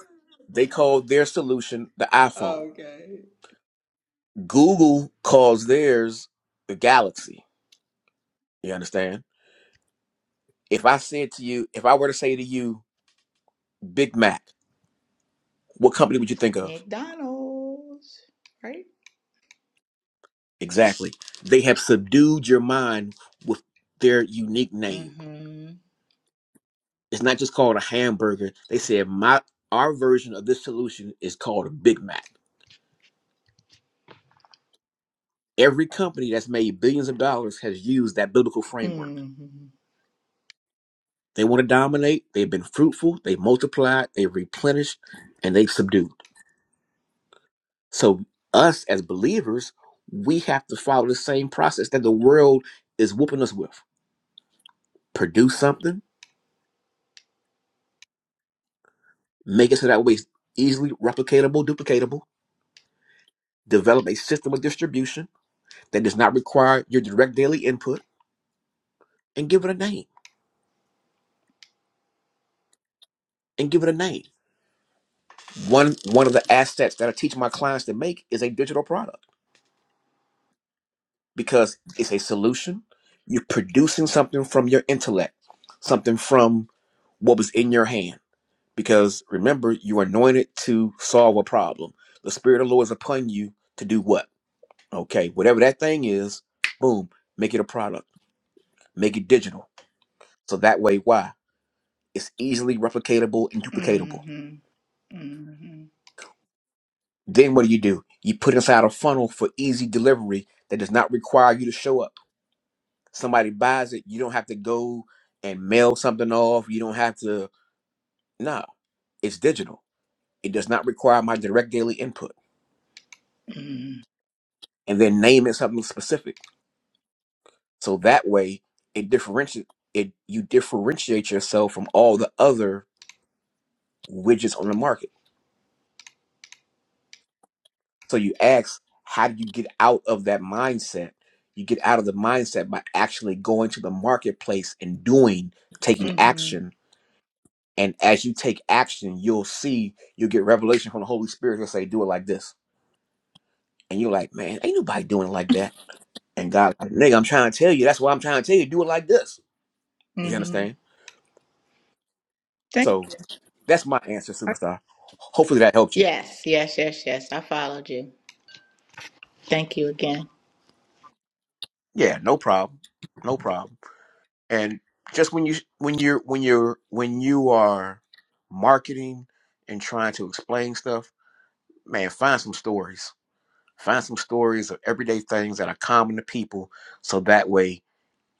Speaker 1: they called their solution the iPhone.
Speaker 2: Okay.
Speaker 1: Google calls theirs the Galaxy. You understand? If I said to you, if I were to say to you, Big Mac, what company would you think of?
Speaker 2: McDonald's, right?
Speaker 1: Exactly. They have subdued your mind with their unique name.
Speaker 2: Mm-hmm.
Speaker 1: It's not just called a hamburger. They said my our version of this solution is called a Big Mac. Every company that's made billions of dollars has used that biblical framework.
Speaker 2: Mm-hmm.
Speaker 1: They want to dominate. They've been fruitful. They multiplied. They replenished, and they've subdued. So us as believers, we have to follow the same process that the world is whooping us with. Produce something, make it so that way it's easily replicatable, duplicatable Develop a system of distribution that does not require your direct daily input and give it a name. And give it a name. One one of the assets that I teach my clients to make is a digital product because it's a solution. You're producing something from your intellect, something from what was in your hand. Because remember, you are anointed to solve a problem. The Spirit of the Lord is upon you to do what? Okay, whatever that thing is, boom, make it a product, make it digital. So that way, why? It's easily replicatable and duplicatable.
Speaker 2: Mm-hmm. Mm-hmm.
Speaker 1: Then what do you do? You put inside a funnel for easy delivery that does not require you to show up. Somebody buys it, you don't have to go and mail something off. You don't have to. No, it's digital. It does not require my direct daily input. And then name it something specific. So that way, it differentiates. It you differentiate yourself from all the other widgets on the market. So you ask, how do you get out of that mindset? You get out of the mindset by actually going to the marketplace and doing, taking
Speaker 2: Mm-hmm.
Speaker 1: action. And as you take action, you'll see, you'll get revelation from the Holy Spirit. He'll say, do it like this. And you're like, man, ain't nobody doing it like that. And God, like, nigga, I'm trying to tell you. That's why I'm trying to tell you, do it like this. You
Speaker 2: Mm-hmm.
Speaker 1: understand?
Speaker 2: Thank.
Speaker 1: So that's my answer, superstar. Hopefully that helped you.
Speaker 2: Yes, yes, yes, yes. I followed you. Thank you again.
Speaker 1: Yeah, no problem. No problem. and just when you when you're when you're when you are marketing and trying to explain stuff man find some stories find some stories of everyday things that are common to people so that way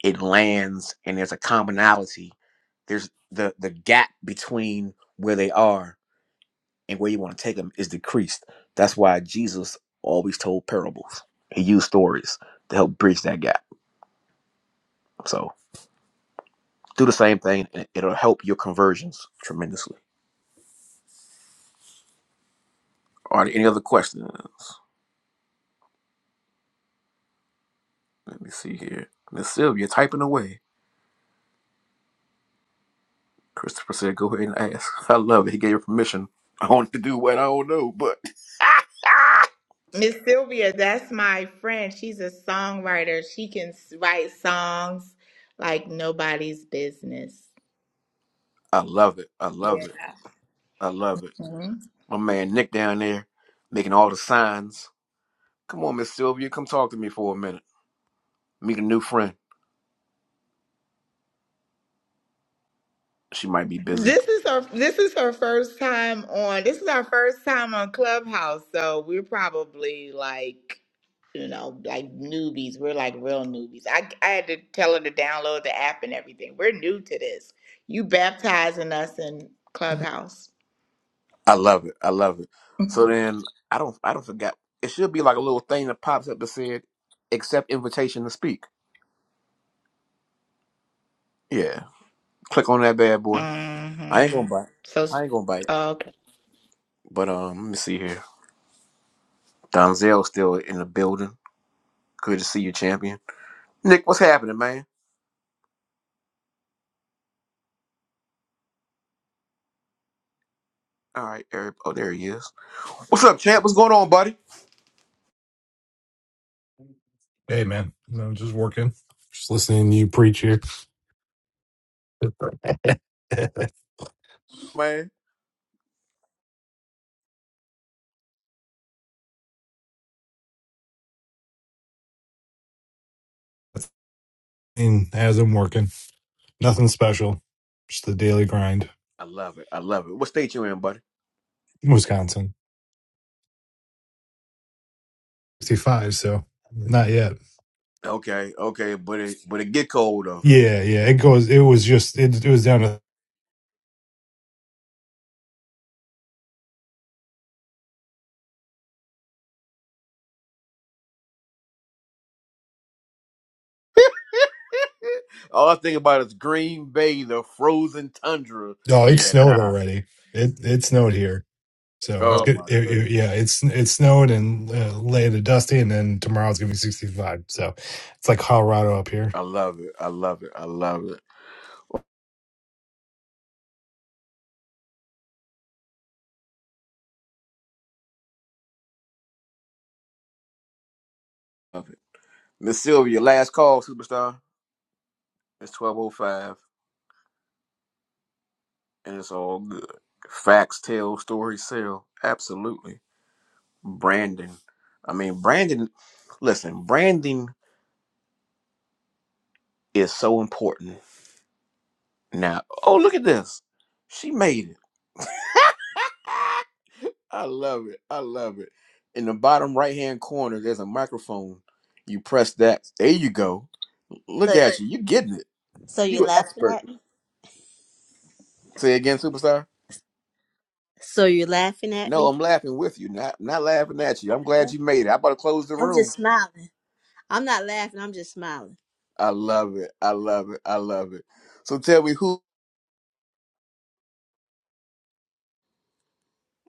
Speaker 1: it lands and there's a commonality there's the the gap between where they are and where you want to take them is decreased that's why jesus always told parables he used stories to help bridge that gap so do the same thing and it'll help your conversions tremendously Are there any other questions? Let me see here. Miss Sylvia typing away. Christopher said, go ahead and ask. I love it. He gave her permission. I want to do what I don't know, but
Speaker 2: Miss Sylvia, that's my friend. She's a songwriter. She can s- write songs like nobody's business.
Speaker 1: I love it. I love
Speaker 2: Yeah.
Speaker 1: it. I love it.
Speaker 2: Mhm.
Speaker 1: My man Nick down there making all the signs. Come on, Miss Sylvia, come talk to me for a minute. Meet a new friend. She might be busy.
Speaker 2: This is her this is her first time on this is our first time on Clubhouse, so we're probably like you know, like newbies. We're like real newbies. I I had to tell her to download the app and everything. We're new to this. You baptizing us in Clubhouse.
Speaker 1: I love it. I love it. So then I don't I don't forget. It should be like a little thing that pops up that said accept invitation to speak. Yeah. Click on that bad boy. I ain't gonna
Speaker 2: Mhm.
Speaker 1: bite.
Speaker 2: So
Speaker 1: I ain't gonna bite.
Speaker 2: okay.
Speaker 1: But um let me see here. Donzel's still in the building. Good to see you, champion. Nick, what's happening, man? All right, Eric. Oh, there he is. What's up, champ? What's going on, buddy?
Speaker 4: Hey, man. No, just working. Just listening to you preach here.
Speaker 1: Man.
Speaker 4: And as I'm working, nothing special. Just the daily grind.
Speaker 1: I love it. I love it. What state you in, buddy?
Speaker 4: Wisconsin, 65. So not yet.
Speaker 1: Okay, okay, but it but it get cold though.
Speaker 4: Yeah, yeah. It goes. It was just. It, it was down to.
Speaker 1: All I think about is Green Bay, the frozen tundra.
Speaker 4: Oh, it
Speaker 1: Yeah,
Speaker 4: snowed
Speaker 1: nah.
Speaker 4: already. It it snowed here. So it's Oh,
Speaker 1: Oh
Speaker 4: good.
Speaker 1: my
Speaker 4: It, it,
Speaker 1: goodness.
Speaker 4: yeah, it's it snowed and uh, laid a dusty, and then tomorrow it's gonna be 65. So it's like Colorado up here.
Speaker 1: I love it. I love it. I love it. Love it. Miss Sylvia, last call, superstar. It's twelve oh five and it's all good. Facts tell, stories sell. Absolutely. Branding. I mean branding listen, branding is so important now. Oh, look at this. She made it. I love it. I love it. In the bottom right hand corner, there's a microphone. You press that. There you go. Look
Speaker 5: So,
Speaker 1: at you. You getting it.
Speaker 5: so you're
Speaker 1: You an
Speaker 5: laughing
Speaker 1: expert.
Speaker 5: at me?
Speaker 1: Say again, superstar.
Speaker 5: So you're laughing at
Speaker 1: No,
Speaker 5: me?
Speaker 1: I'm laughing with you, not not laughing at you. I'm glad you made it. I about to close the
Speaker 5: I'm
Speaker 1: room.
Speaker 5: just smiling. I'm not laughing. I'm just smiling.
Speaker 1: I love it. I love it. I love it. So tell me who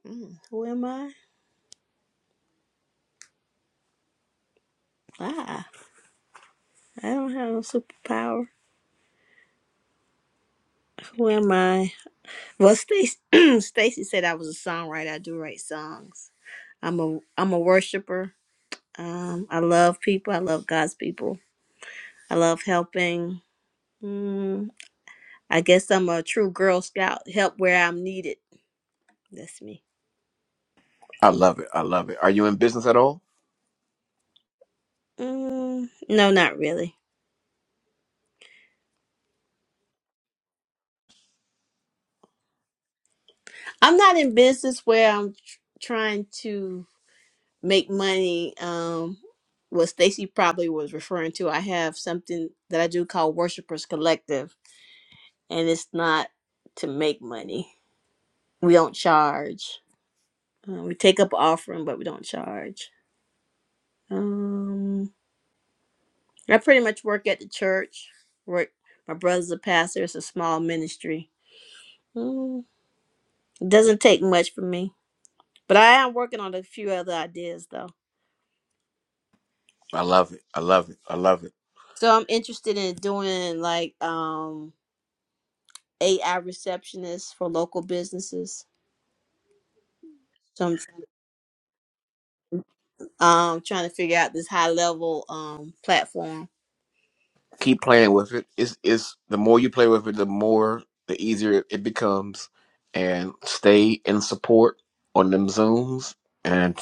Speaker 5: Mm, who am I? Ah, I don't have no superpower. Who am I? Well, Stacy, Stacy said I was a songwriter. I do write songs. I'm a I'm a worshiper. Um, I love people. I love God's people. I love helping. Mm, I guess I'm a true Girl Scout. Help where I'm needed. That's me.
Speaker 1: I love it. I love it. Are you in business at all?
Speaker 5: Mm, no, not really. I'm not in business where I'm tr- trying to make money. Um, what Stacy probably was referring to, I have something that I do called Worshipers Collective, and it's not to make money. We don't charge. Uh, we take up offering, but we don't charge. Um, I pretty much work at the church. Work. My brother's a pastor. It's a small ministry. Mm, it doesn't take much for me, but I am working on a few other ideas though.
Speaker 1: I love it. I love it. I love it.
Speaker 5: So I'm interested in doing like um AI receptionists for local businesses. So I'm um trying to figure out this high level um platform.
Speaker 1: keep playing with it. It's it's the more you play with it, the more the easier it, it becomes. And stay in support on them zooms and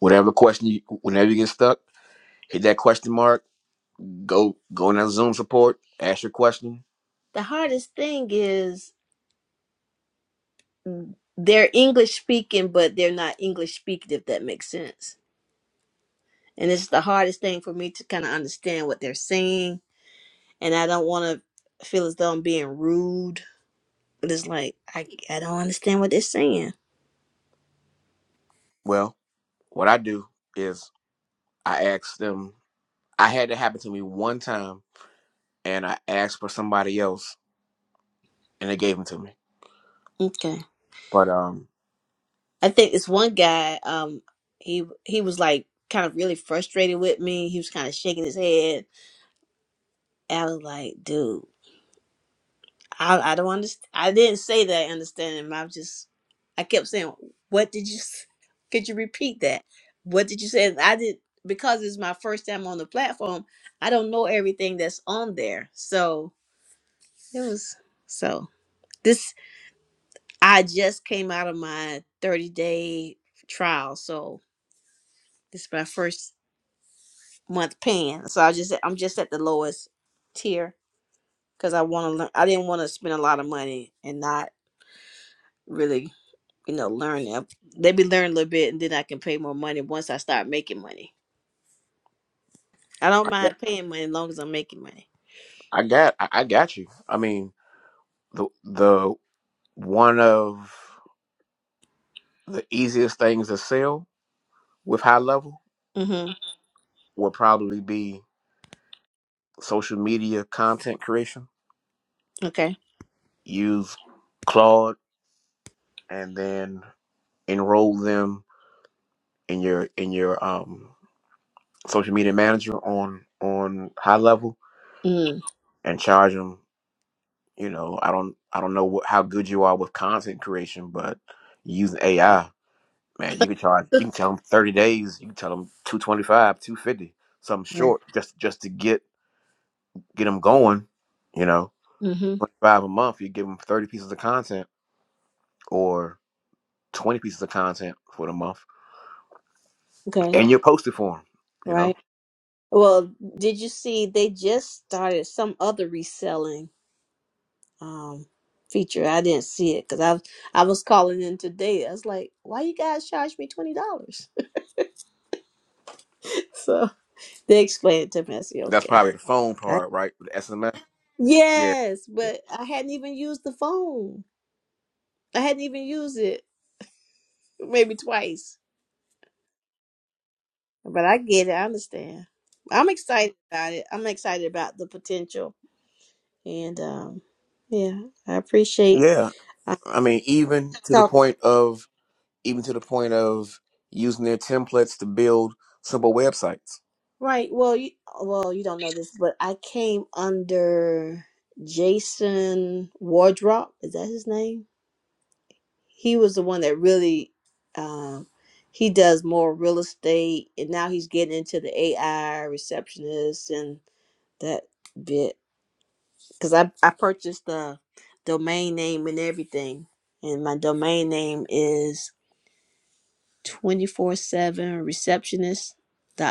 Speaker 1: whatever question you whenever you get stuck, hit that question mark. Go go in that Zoom support. Ask your question.
Speaker 5: The hardest thing is mm, they're English speaking, but they're not English speaking if that makes sense. And it's the hardest thing for me to kind of understand what they're saying, and I don't want to feel as though I'm being rude. But it's like I I don't understand what they're saying.
Speaker 1: Well, what I do is I ask them. I had that happen to me one time, and I asked for somebody else, and they gave them to me.
Speaker 5: Okay.
Speaker 1: But um,
Speaker 5: I think this one guy, um, he he was like kind of really frustrated with me. He was kind of shaking his head. I was like, dude, I, I don't understand. I didn't say that. I understand him. I was just, I kept saying, what did you? s- Could you repeat that? What did you say? And I did because it's my first time on the platform. I don't know everything that's on there, so it was so. This I just came out of my thirty day trial, so this is my first month paying. So I just I'm just at the lowest tier because I want to learn. I didn't want to spend a lot of money and not really you know learn. them. Let me learn a little bit and then I can pay more money once I start making money. I don't
Speaker 1: I, got
Speaker 5: mind paying money as long as I'm making money.
Speaker 1: I got I, I got you. I mean the the one of the easiest things to sell with high level
Speaker 5: Mm-hmm.
Speaker 1: will probably be social media content creation.
Speaker 5: Okay.
Speaker 1: Use Claude and then enroll them in your in your um, social media manager on on high level
Speaker 5: Mm.
Speaker 1: and charge them. You know, I don't I don't know what, how good you are with content creation, but using AI, man, you can charge. You can tell them thirty days. You can tell them two twenty five, two fifty, something
Speaker 5: Okay.
Speaker 1: short, just just to get get them going. You know
Speaker 5: Mm-hmm.
Speaker 1: 25 a month, you give them 30 pieces of content or 20 pieces of content for the month,
Speaker 5: Okay.
Speaker 1: and you're posted for them. You know,
Speaker 5: Right. Well, did you see they just started some other reselling um feature? I didn't see it because I I was calling in today. I was like, why you guys charge me $20? So they explained it to me. I said,
Speaker 1: that's
Speaker 5: okay.
Speaker 1: probably the phone
Speaker 5: I,
Speaker 1: part, right? The SMS. Yeah.
Speaker 5: yes,
Speaker 1: Yeah.
Speaker 5: but I hadn't even used the phone. I hadn't even used it maybe twice. But I get it. I understand. I'm excited about it. I'm excited about the potential. And um, yeah, I appreciate
Speaker 1: Yeah.
Speaker 5: uh,
Speaker 1: I mean, even to the
Speaker 5: talking.
Speaker 1: point of, even to the point of using their templates to build simple websites.
Speaker 5: Right. Well, you well you don't know this, but I came under Jason Wardrop. Is that his name? he was the one that really um he does more real estate and now he's getting into the AI receptionist and that bit cuz I I purchased the domain name and everything and my domain name is 247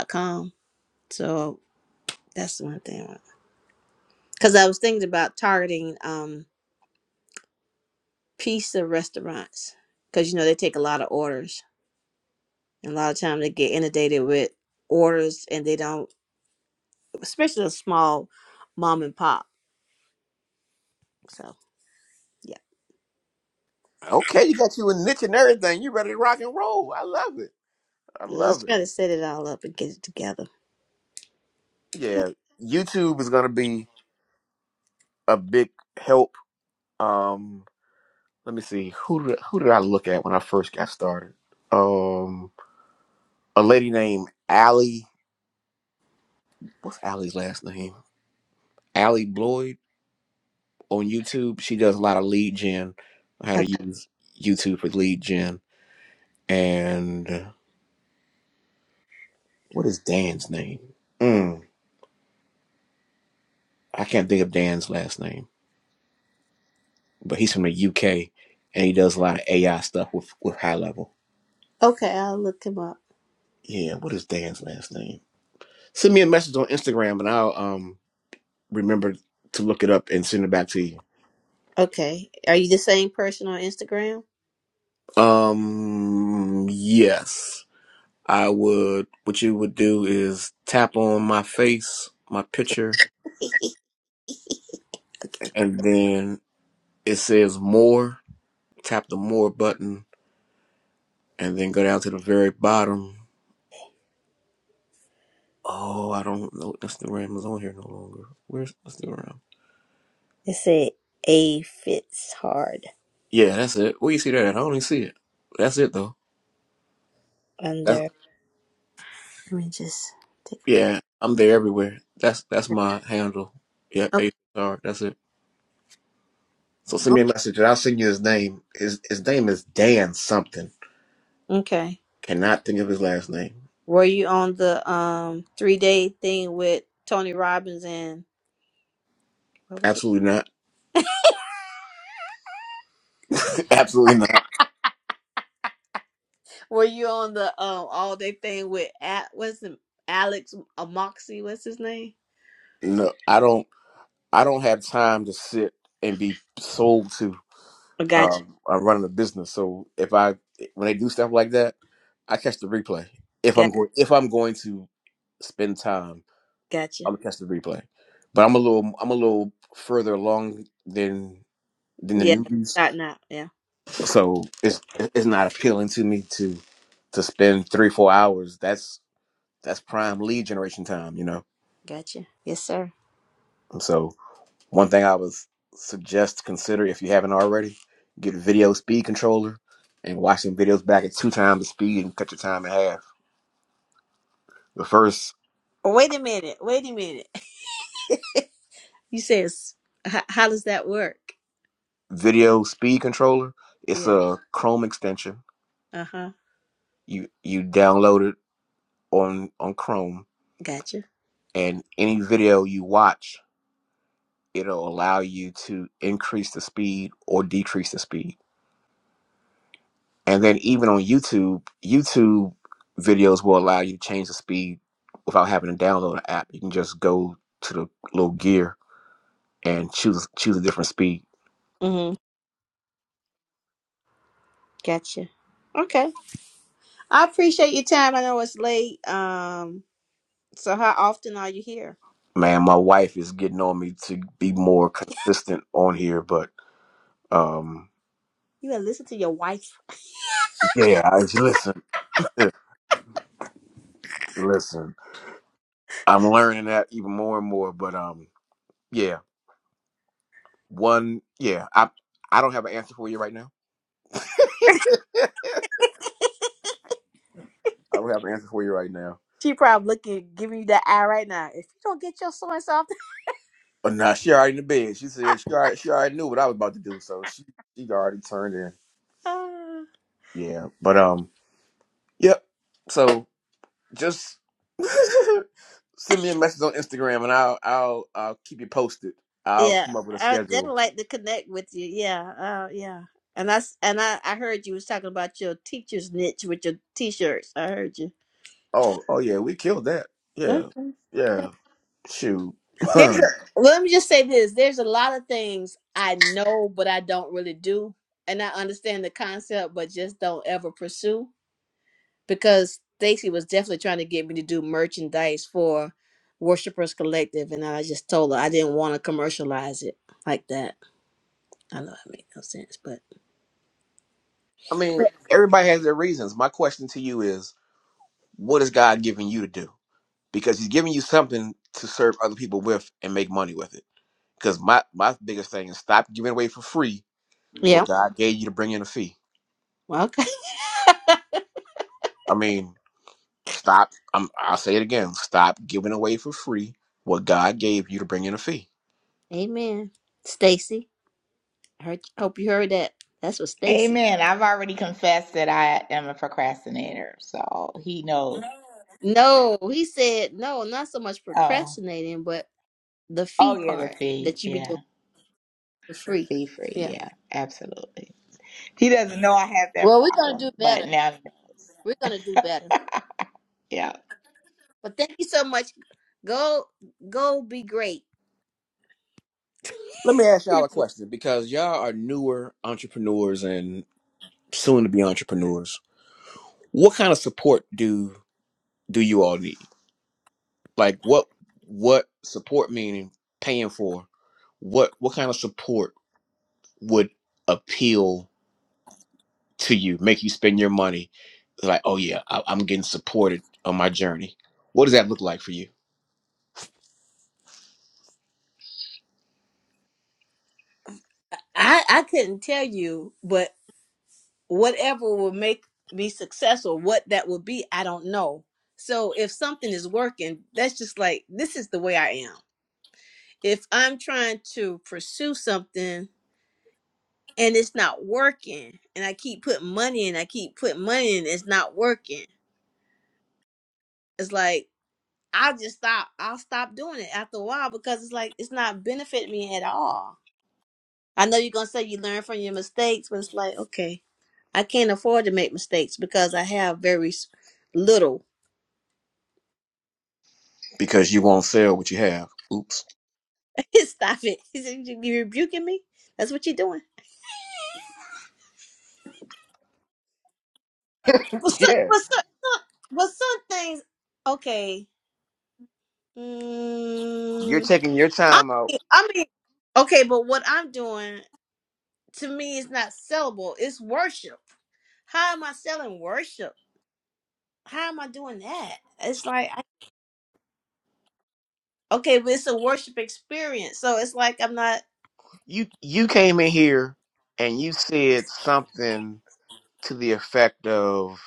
Speaker 5: com. so that's one thing cuz I was thinking about targeting um pizza restaurants cuz you know they take a lot of orders And a lot of times they get inundated with orders and they don't, especially a small mom and pop. So, yeah.
Speaker 1: Okay, you got you a niche and everything. You ready to rock and roll. I love it. I
Speaker 5: They're
Speaker 1: love
Speaker 5: just
Speaker 1: it.
Speaker 5: trying to set it all up and get it together.
Speaker 1: Yeah. YouTube is going to be a big help. Um, Let me see. Who did, who did I look at when I first got started? Um, a lady named Allie. What's Allie's last name? Allie Bloyd on YouTube. She does a lot of lead gen. How
Speaker 5: O-
Speaker 1: to use YouTube for lead gen. And uh, what is Dan's name? Mm, I can't think of Dan's last name, but he's from the UK and he does a lot of AI stuff with with high level.
Speaker 5: Okay, I'll look him up.
Speaker 1: Yeah, what is Dan's last name? Send me a message on Instagram and I'll um remember to look it up and send it back to you.
Speaker 5: Okay. Are you the same person on Instagram?
Speaker 1: Um, yes. I would, what you would do is tap on my face, my picture, and then it says more. Tap the more button and then go down to the very bottom. Oh, I don't know. Instagram is on here no longer. Where's Instagram?
Speaker 5: It said A fits hard
Speaker 1: Yeah, that's it. Where you see that? at? I don't even see it. That's it though. That's
Speaker 5: under. Let me just take a
Speaker 1: yeah. I'm
Speaker 5: picture.
Speaker 1: there everywhere. That's that's my handle. Yeah,
Speaker 5: Oh,
Speaker 1: HR. That's it. So send
Speaker 5: o-
Speaker 1: me a message and I'll send you his name. His his name is Dan something.
Speaker 5: okay.
Speaker 1: Cannot think of his last name.
Speaker 5: Were you on the um three day thing with Tony Robbins and what was
Speaker 1: Absolutely not.
Speaker 5: it?
Speaker 1: Absolutely not.
Speaker 5: Were you on the um all day thing with at what's the Alex Amoxie? What's his name?
Speaker 1: No, I don't. I don't have time to sit and be sold to
Speaker 5: Oh, gotcha,
Speaker 1: um, uh, running a business. So if I when they do stuff like that, I catch the replay. If
Speaker 5: got
Speaker 1: I'm going if I'm going to spend time,
Speaker 5: gotcha.
Speaker 1: I'm gonna catch the replay. But I'm a little I'm a little further along than than the
Speaker 5: Yeah,
Speaker 1: newbies.
Speaker 5: starting out. Yeah,
Speaker 1: so it's it's not appealing to me to to spend three four hours that's that's prime lead generation time you know
Speaker 5: gotcha. Yes, sir.
Speaker 1: and so one thing i would suggest to consider if you haven't already get a video speed controller and watch some videos back at two times the speed and cut your time in half the first
Speaker 5: Oh, wait a minute. Wait a minute. You says how, how does that work?
Speaker 1: video speed controller it's
Speaker 5: Yeah.
Speaker 1: a chrome extension
Speaker 5: Uh huh.
Speaker 1: you you download it on on chrome
Speaker 5: Gotcha.
Speaker 1: and any video you watch it'll allow you to increase the speed or decrease the speed. And then even on YouTube, YouTube videos will allow you to change the speed without having to download an app. You can just go to the little gear and choose choose a different speed.
Speaker 5: Mm-hmm. Gotcha. Okay. I appreciate your time. I know it's late. Um. So how often are you here?
Speaker 1: Man, my wife is getting on me to be more consistent on here, but um
Speaker 5: You gotta listen to your wife.
Speaker 1: yeah, I just, listen, listen. I'm learning that even more and more, but um yeah, one yeah, I I don't have an answer for you right now. I don't have an answer for you right now.
Speaker 5: She probably looking, giving you that eye right now. If you don't get your so and so, off
Speaker 1: But nah, she already in the bed. She said she already, she already knew what I was about to do, so she she already turned in.
Speaker 5: the-
Speaker 1: Yeah, but um, yep. So just send me a message on Instagram, and I'll I'll I'll keep you posted. I'll
Speaker 5: yeah,
Speaker 1: come up with a
Speaker 5: I would
Speaker 1: schedule.
Speaker 5: definitely like to connect with you. Yeah, uh, yeah. And I s- and I, I heard you was talking about your teacher's niche with your t-shirts. I heard you.
Speaker 1: Oh oh yeah, we killed that. Yeah
Speaker 5: Okay.
Speaker 1: yeah. Shoot.
Speaker 5: There's a,
Speaker 1: I
Speaker 5: well, let me just say this. There's a lot of things I know, but I don't really do, and I understand the concept, but just don't ever pursue. because Stacy was definitely trying to get me to do merchandise for Worshipers Collective, and I just told her I didn't want to commercialize it like that. I know that made no sense, but
Speaker 1: mean,
Speaker 5: Right.
Speaker 1: everybody has their reasons. My question to you is, what is God giving you to do? Because He's giving you something to serve other people with and make money with it Because my my biggest thing is stop giving away for free what
Speaker 5: yeah,
Speaker 1: God gave you to bring in a fee.
Speaker 5: well, okay,
Speaker 1: I mean, stop. i am I'll say it again. Stop giving away for free what God gave you to bring in a fee.
Speaker 5: amen. Stacy, heard. Hope you heard that. That's what Stacy.
Speaker 2: Amen. I've already confessed that I am a procrastinator, so he knows.
Speaker 5: No, he said no, not so much
Speaker 2: Oh,
Speaker 5: procrastinating, but the
Speaker 2: oh
Speaker 5: fee
Speaker 2: yeah, the
Speaker 5: part
Speaker 2: fee,
Speaker 5: that you be doing
Speaker 2: yeah,
Speaker 5: for
Speaker 2: the
Speaker 5: free.
Speaker 2: fee free,
Speaker 5: Yeah.
Speaker 2: yeah, absolutely. He doesn't know I have that
Speaker 5: Well, we're gonna do
Speaker 2: problem, but
Speaker 5: better.
Speaker 2: now he knows.
Speaker 5: We're gonna do better.
Speaker 2: Yeah.
Speaker 5: But thank you so much. Go, go, be great.
Speaker 1: Let me ask y'all a question because y'all are newer entrepreneurs and soon to be entrepreneurs. What kind of support do do you all need? Like what what support meaning paying for? What what kind of support would appeal? to you, make you spend your money. Like, oh yeah, I, I'm getting supported on my journey. What does that look like for you?
Speaker 5: I I couldn't tell you, but whatever will make me successful, what that will be, I don't know. So if something is working, that's just like this is the way I am. If I'm trying to pursue something and it's not working, and I keep putting money in, I keep putting money in, it's not working. It's like I'll just stop. I'll stop doing it after a while because it's like it's not benefiting me at all. I know you're gonna say you learn from your mistakes, but it's like okay, I can't afford to make mistakes because I have very s- little.
Speaker 1: Because you won't sell what you have. Oops.
Speaker 5: Stop it. He said, You you rebuking me? That's what you're doing. Well, some,
Speaker 1: Yeah,
Speaker 5: well, some, some, well, some things. Okay.
Speaker 1: you're
Speaker 5: Mm,
Speaker 1: taking your
Speaker 5: I
Speaker 1: time out.
Speaker 5: mean, I mean, okay, but what I'm doing to me is not sellable. It's worship. How am I selling worship? How am I doing that? It's like I, okay, but it's a worship experience, so it's like I'm not
Speaker 1: You you came in here and you said something to the effect of,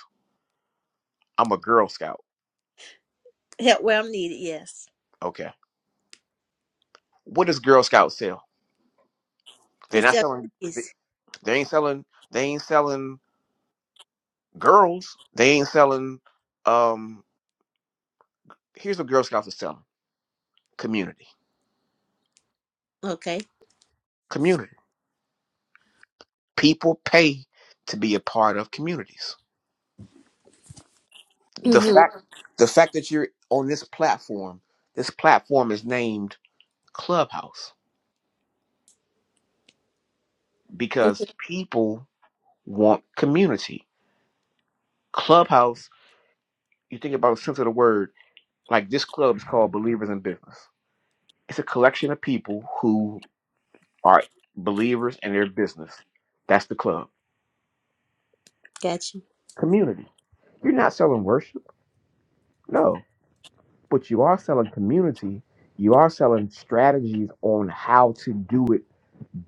Speaker 1: "I'm a Girl Scout."
Speaker 5: help where I'm needed. Yes,
Speaker 1: Okay, what does Girl Scout sell? They're
Speaker 5: they
Speaker 1: not
Speaker 5: sell
Speaker 1: selling.
Speaker 5: cookies.
Speaker 1: They, they ain't selling. They ain't selling girls. They ain't selling. Um, here's what Girl Scouts are selling: community,
Speaker 5: Okay.
Speaker 1: community. People pay to be a part of communities. The
Speaker 5: hmm
Speaker 1: fact the fact that you're on this platform, this platform is named Clubhouse because people want community. Clubhouse, you think about the sense of the word, like this club is called Believers in Business. It's a collection of people who are believers in their business. That's the club.
Speaker 5: Gotcha.
Speaker 1: Community. You're not selling worship. No. but you are selling community. You are selling strategies on how to do it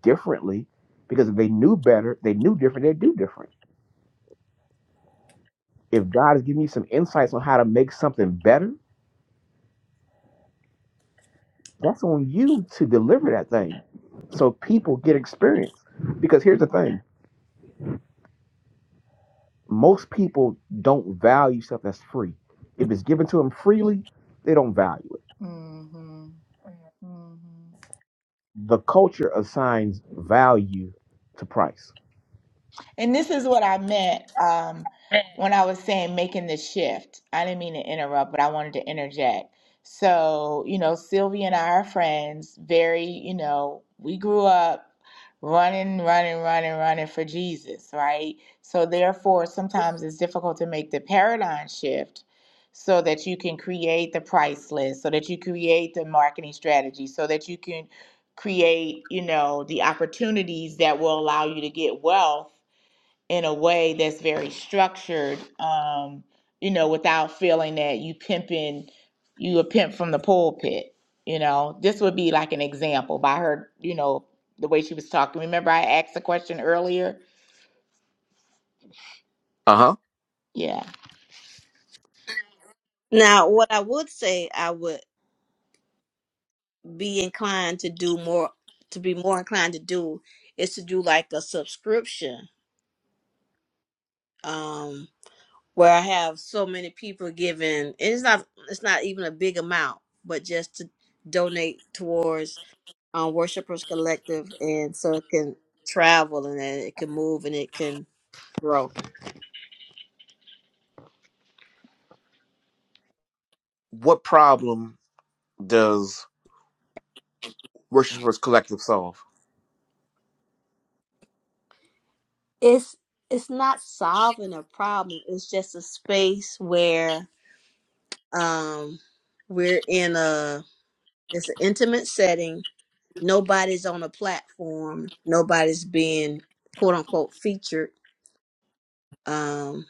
Speaker 1: differently because if they knew better, they knew different, they'd do different. If God is giving you some insights on how to make something better, that's on you to deliver that thing. So people get experience. Because here's the thing most people don't value stuff that's free. If it's given to them freely, they don't value it.
Speaker 2: hmm hmm
Speaker 1: The culture assigns value to price.
Speaker 2: And this is what I meant um, when I was saying making the shift. I didn't mean to interrupt, but I wanted to interject. So, you know, Sylvia and I are friends, very, you know, we grew up running, running, running, running for Jesus, right? So, therefore, sometimes it's difficult to make the paradigm shift so that you can create the price list, so that you create the marketing strategy, so that you can create, you know, the opportunities that will allow you to get wealth in a way that's very structured, um, you know, without feeling that you pimping, you a pimp from the pulpit. You know, this would be like an example by her, you know, the way she was talking. Remember, I asked a question earlier.
Speaker 1: Uh huh.
Speaker 2: Yeah.
Speaker 5: Now, what I would say I would be inclined to do more, to be more inclined to do is to do like a subscription, um, where I have so many people giving, and it's not, it's not even a big amount, but just to donate towards um, Worshipers Collective, and so it can travel and then it can move and it can grow.
Speaker 1: What problem does Worshipers Collective Soul.
Speaker 5: It's it's not solving a problem. It's just a space where Um, we're in a it's an intimate setting. Nobody's on a platform. Nobody's being quote unquote featured. Um,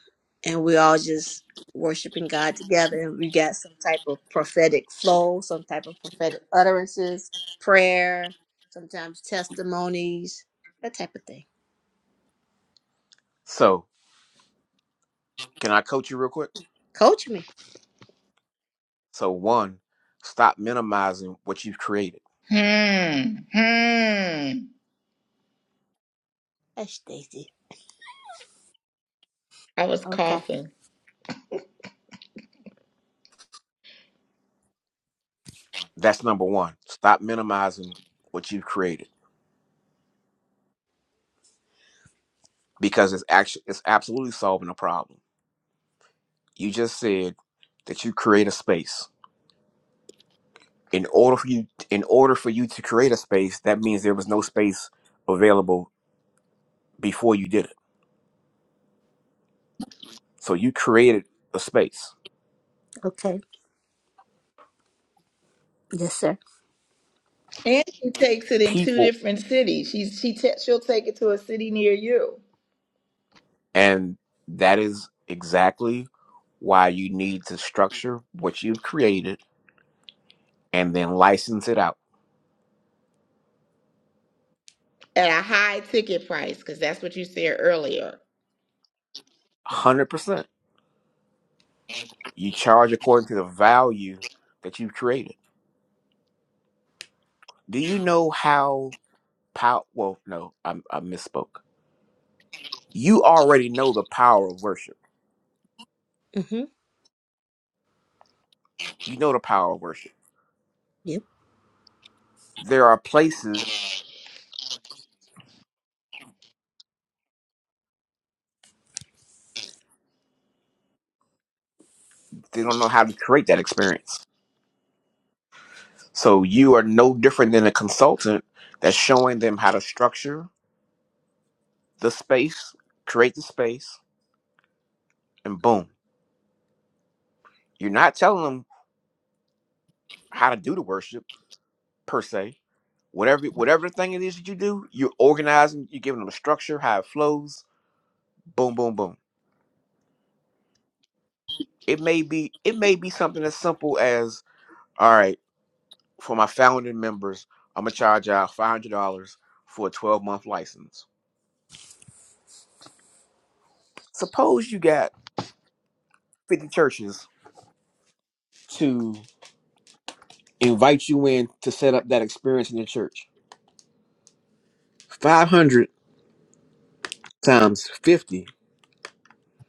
Speaker 5: and we all just worshiping God together. And we got some type of prophetic flow, some type of prophetic utterances, prayer, sometimes testimonies, that type of thing.
Speaker 1: So, can I coach you real quick?
Speaker 5: Coach me.
Speaker 1: So, one, stop minimizing what you've created.
Speaker 2: Hmm. Hmm.
Speaker 5: That's Daisy.
Speaker 2: I was
Speaker 5: Okay.
Speaker 2: coughing.
Speaker 1: That's number one. Stop minimizing what you've created because it's actually it's absolutely solving a problem. You just said that you create a space. In order for you, in order for you to create a space, that means there was no space available before you did it. So you created a space.
Speaker 5: Okay. Yes, sir.
Speaker 2: And she takes it in two
Speaker 1: People
Speaker 2: different cities. She's she t- she'll take it to a city near you
Speaker 1: And that is exactly why you need to structure what you've created and then license it out.
Speaker 2: at a high ticket price because that's what you said earlier
Speaker 1: 100%. You charge according to the value that you've created. Do you know how power? Well, no, I, I misspoke. You already know the power of worship.
Speaker 5: Mm-hmm.
Speaker 1: You know the power of worship.
Speaker 5: Yep.
Speaker 1: There are places they don't know how to create that experience. So you are no different than a consultant that's showing them how to structure the space, create the space, and boom. You're not telling them how to do the worship per se. Whatever whatever the thing it is that you do, you're organizing, you're giving them a structure, how it flows, boom, boom, boom. It may be it may be something as simple as, all right, for my founding members, I'm gonna charge y'all five hundred dollars for a 12 month license. Suppose you got 50 churches to invite you in to set up that experience in the church. 500 times 50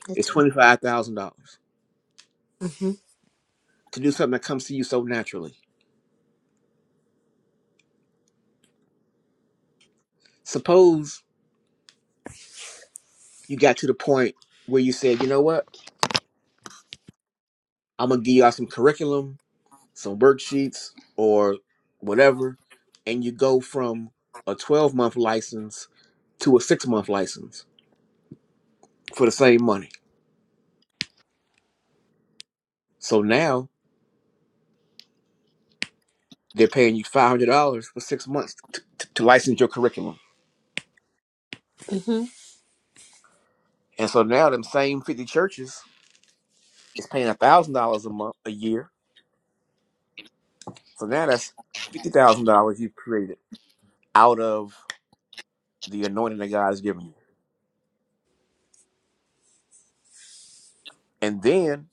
Speaker 5: That's
Speaker 1: is
Speaker 5: right.
Speaker 1: $25,000.
Speaker 5: Mm-hmm.
Speaker 1: to do something that comes to you so naturally. Suppose you got to the point where you said, you know what, I'm gonna give you all some curriculum, some worksheets, or whatever, and you go from a 12 month license to a six month license for the same money. So now they're paying you $500 for six months t- t- to license your curriculum.
Speaker 5: Mm-hmm.
Speaker 1: And so now them same 50 churches is paying $1,000 a month, a year. So now that's $50,000 you've created out of the anointing that God has given you. And then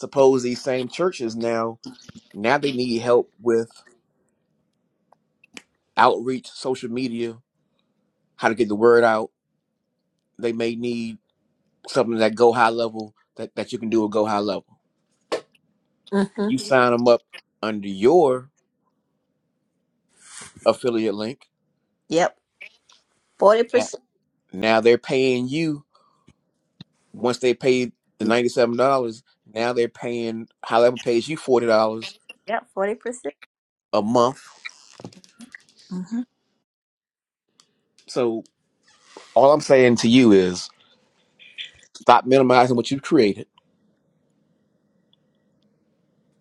Speaker 1: suppose these same churches now now they need help with outreach, social media, how to get the word out. They may need something that go high level that, that you can do at go high level.
Speaker 5: Mm-hmm.
Speaker 1: You sign them up under your affiliate link.
Speaker 5: Yep.
Speaker 1: Yeah.
Speaker 5: 40%.
Speaker 1: Now they're paying you once they pay the ninety seven dollars, now they're paying high level pays you forty dollars
Speaker 5: Yeah, forty percent.
Speaker 1: a month.
Speaker 5: hmm
Speaker 1: So all I'm saying to you is stop minimizing what you've created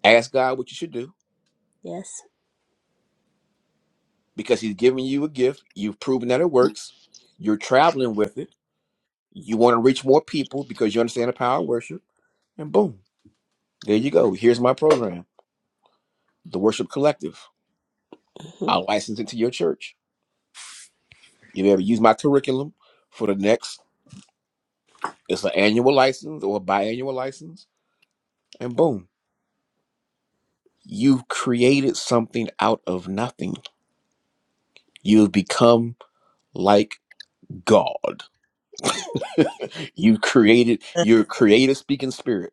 Speaker 1: Ask God what you should do
Speaker 5: Yes.
Speaker 1: because He's giving you a gift. You've proven that it works. You're traveling with it. You want to reach more people because you understand the power of worship. And boom, there you go. Here's my program, the Worship Collective.
Speaker 5: hmm
Speaker 1: I'll license it to your church. You'll be able to use my curriculum for the next, it's an annual license or a biannual license. And boom, you've created something out of nothing. You've become like God. you created your creative speaking spirit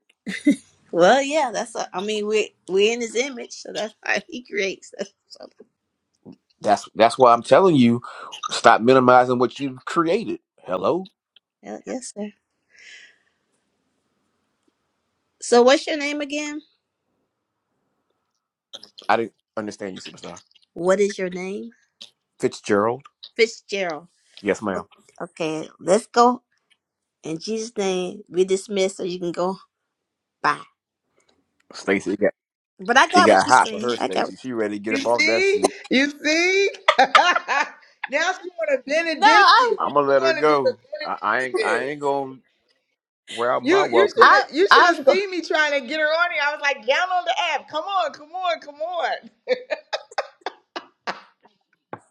Speaker 5: Well, yeah, that's. A, I mean, we we in His image, so that's how He creates. us. So,
Speaker 1: That's that's why I'm telling you, stop minimizing what you've created. Hello,
Speaker 5: yeah, yes, sir. So, what's your name again?
Speaker 1: I didn't understand you, superstar
Speaker 5: What is your name?
Speaker 1: Fitzgerald.
Speaker 5: Fitzgerald.
Speaker 1: Yes, ma'am.
Speaker 5: O- Okay, let's go in Jesus' name. We dismissed, so you can go. Bye.
Speaker 1: Stacy, it got,
Speaker 5: But I
Speaker 1: it
Speaker 5: got what
Speaker 1: got
Speaker 5: you
Speaker 1: hot for
Speaker 5: said.
Speaker 1: her.
Speaker 5: I got. What
Speaker 1: Stacy, she ready to get
Speaker 2: You
Speaker 1: up off that
Speaker 2: see?
Speaker 1: seat.
Speaker 2: You see? now she wanna
Speaker 5: no,
Speaker 2: benedict you.
Speaker 5: I'm.
Speaker 1: I'm gonna
Speaker 2: You
Speaker 1: let her
Speaker 2: wanna do the
Speaker 1: go. I, I ain't I
Speaker 2: benediction.
Speaker 1: ain't gonna wear out my
Speaker 2: You you
Speaker 1: welcome.
Speaker 2: should
Speaker 5: I
Speaker 2: you should have
Speaker 5: I'm go.
Speaker 2: seen me trying to get her on here. I was like, download the app. Come on, come on, come on.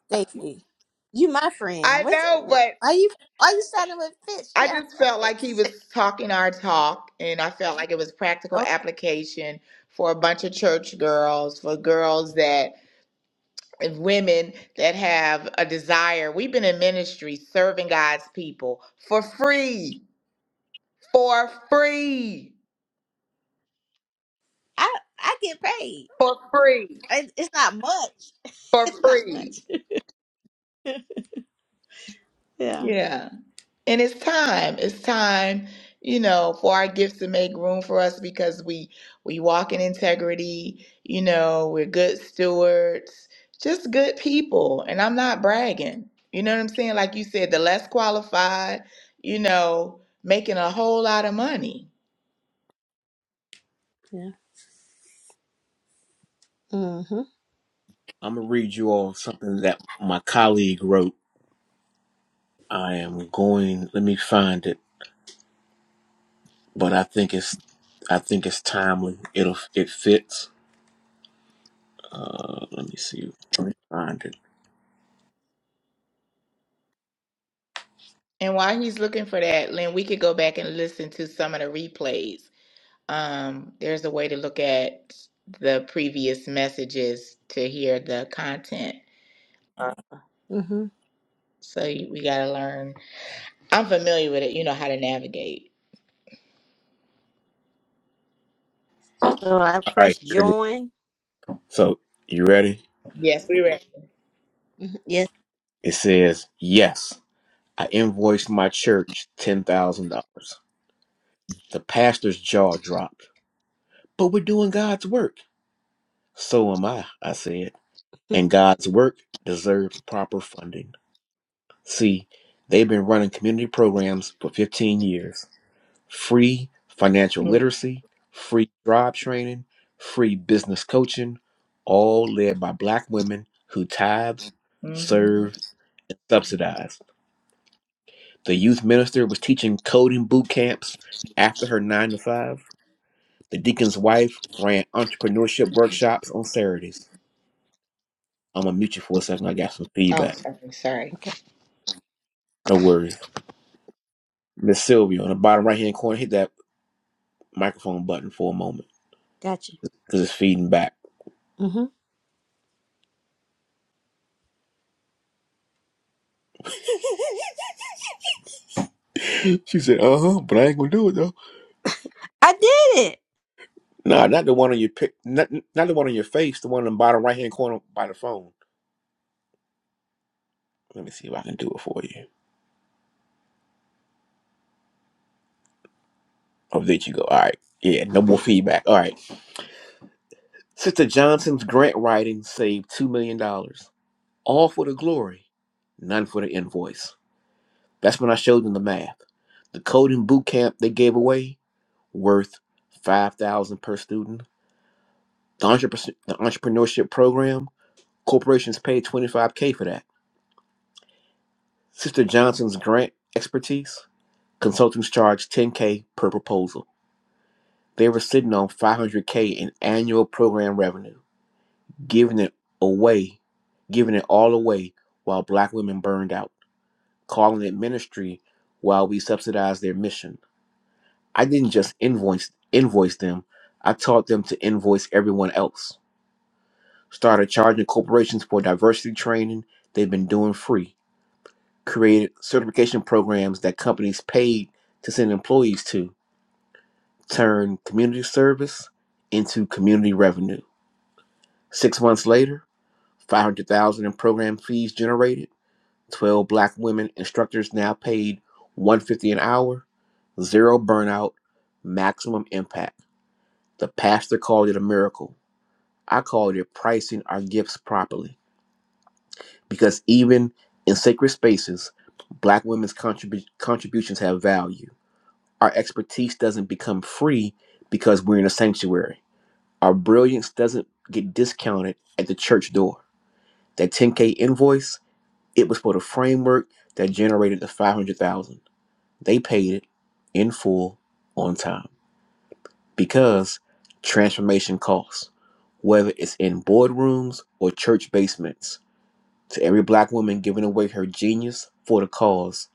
Speaker 5: Stacy, you my friend.
Speaker 2: I
Speaker 5: What's
Speaker 2: know,
Speaker 5: your,
Speaker 2: but
Speaker 5: are you? Are you starting with
Speaker 2: I just
Speaker 5: Fitzgerald?
Speaker 2: felt like he
Speaker 5: Fitz.
Speaker 2: was talking our talk and I felt like it was practical
Speaker 5: Oh,
Speaker 2: application for a bunch of church girls, for girls that and women that have a desire. We've been in ministry serving God's people for free for free.
Speaker 5: I I get paid.
Speaker 2: For free.
Speaker 5: It, it's not much.
Speaker 2: For
Speaker 5: It's not
Speaker 2: free.
Speaker 5: much. yeah.
Speaker 2: Yeah. And it's time. It's time, you know, for our gifts to make room for us because we we walk in integrity, you know, we're good stewards, just good people. And I'm not bragging. You know what I'm saying? Like you said, the less qualified, you know, making a whole lot of money.
Speaker 5: Yeah. Mhm.
Speaker 1: I'm gonna read you all something that my colleague wrote. I am going. Let me find it, but I think it's I think it's timely. It'll it fits. Uh, let me see. Let me find it.
Speaker 2: And while he's looking for that, Lynn, we could go back and listen to some of the replays Um, there's a way to look at the previous messages to hear the content. Uh,
Speaker 5: Mhm.
Speaker 2: so you, we got to learn. I'm familiar with it. You know how to navigate.
Speaker 5: So I
Speaker 1: All right,
Speaker 5: press
Speaker 1: here it is.
Speaker 5: join.
Speaker 1: So, you ready?
Speaker 2: Yes, we were.
Speaker 5: hmm Yes.
Speaker 1: It says, Yes, I invoiced my church $10,000. The pastor's jaw dropped. But we're doing God's work. So am I, I said.
Speaker 5: Mhm.
Speaker 1: And God's work deserves proper funding. See, they've been running community programs for 15 years free financial
Speaker 2: Mm-hmm.
Speaker 1: literacy, free job training, free business coaching, all led by black women who tithe,
Speaker 2: Mm-hmm.
Speaker 1: serve, and subsidize. The youth minister was teaching coding boot camps after her nine to five. The deacon's wife ran entrepreneurship workshops on Saturdays. I'm gonna mute you for a second. I got some
Speaker 2: Oh,
Speaker 1: feedback.
Speaker 2: sorry, sorry.
Speaker 5: Okay.
Speaker 1: No worries. Miss Sylvia on the bottom right hand corner, hit that microphone button for a moment
Speaker 5: Gotcha.
Speaker 1: because it's feeding back.
Speaker 5: Mhm.
Speaker 1: she said, "Uh huh," but I ain't gonna do it though.
Speaker 5: I did it.
Speaker 1: Nah, not the one on your pic, not not the one on your face. The one on the bottom right hand corner by the phone. Let me see if I can do it for you. Oh, there you go. All right. Yeah, no more feedback. All right. Sister Johnson's grant writing saved $2 million, dollars, all for the glory, none for the invoice. That's when I showed them the math. The coding boot camp they gave away, worth 5000 per student. The, entrepre- the entrepreneurship program, corporations paid 25K for that. Sister Johnson's grant expertise, consultants charged 10K per proposal. They were sitting on 500K in annual program revenue. giving it away, giving it all away while black women burned out, calling it ministry while we subsidized their mission. I didn't just invoice invoice them, I taught them to invoice everyone else. Started charging corporations for diversity training they've been doing free. Created certification programs that companies paid to send employees to. Turned community service into community revenue. Six months later, 500,000 in program fees generated 12 black women instructors now paid 150 an hour, zero burnout, maximum impact. The pastor called it a miracle. I called it pricing our gifts properly because even in sacred spaces, black women's contribu- contributions have value. Our expertise doesn't become free because we're in a sanctuary. Our brilliance doesn't get discounted at the church door. That 10K invoice, it was for the framework that generated the 500,000. They paid it in full on time because transformation costs, whether it's in boardrooms or church basements. To every black woman giving away her genius for the cause,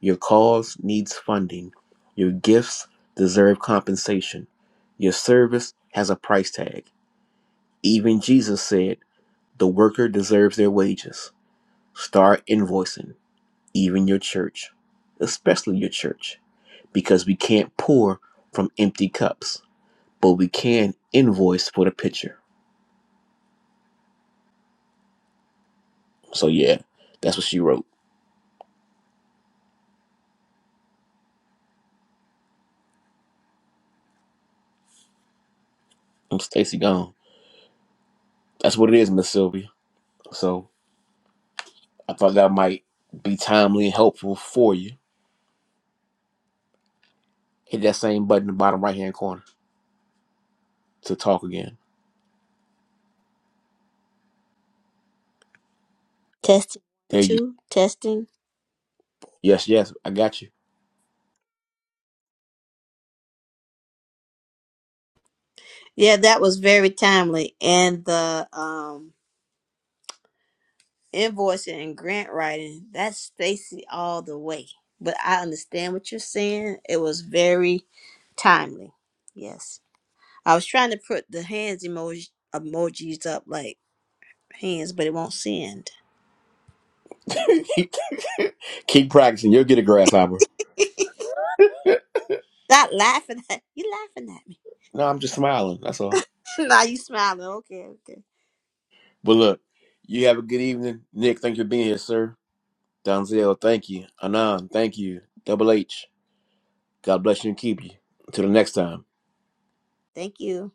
Speaker 1: your cause needs funding. Your gifts deserve compensation. Your service has a price tag. Even Jesus said, the worker deserves their wages. Start invoicing, even your church, especially your church. because we can't pour from empty cups, but we can invoice for the picture. So yeah, that's what she wrote. I'm Stacy Gone. That's what it is, Miss Sylvia. So I thought that might be timely and helpful for you. Hit that same button in the bottom right hand corner to talk again.
Speaker 5: Testing
Speaker 1: There you go.
Speaker 5: two. Testing.
Speaker 1: Yes, yes, I got you.
Speaker 5: Yeah, that was very timely. And the um invoicing and grant writing. That's Stacy all the way. But I understand what you're saying. It was very timely. Yes. I was trying to put the hands emoji emojis up like hands, but it won't send.
Speaker 1: Keep practicing, you'll get a grasshopper.
Speaker 5: Stop laughing at you laughing at me.
Speaker 1: No, I'm just smiling, that's all.
Speaker 5: now you smiling. Okay, okay.
Speaker 1: But look, you have a good evening. Nick, thank you for being here, sir. Donzel, thank you. Anon, thank you. Double H. God bless you and keep you. Until the next time.
Speaker 5: Thank you.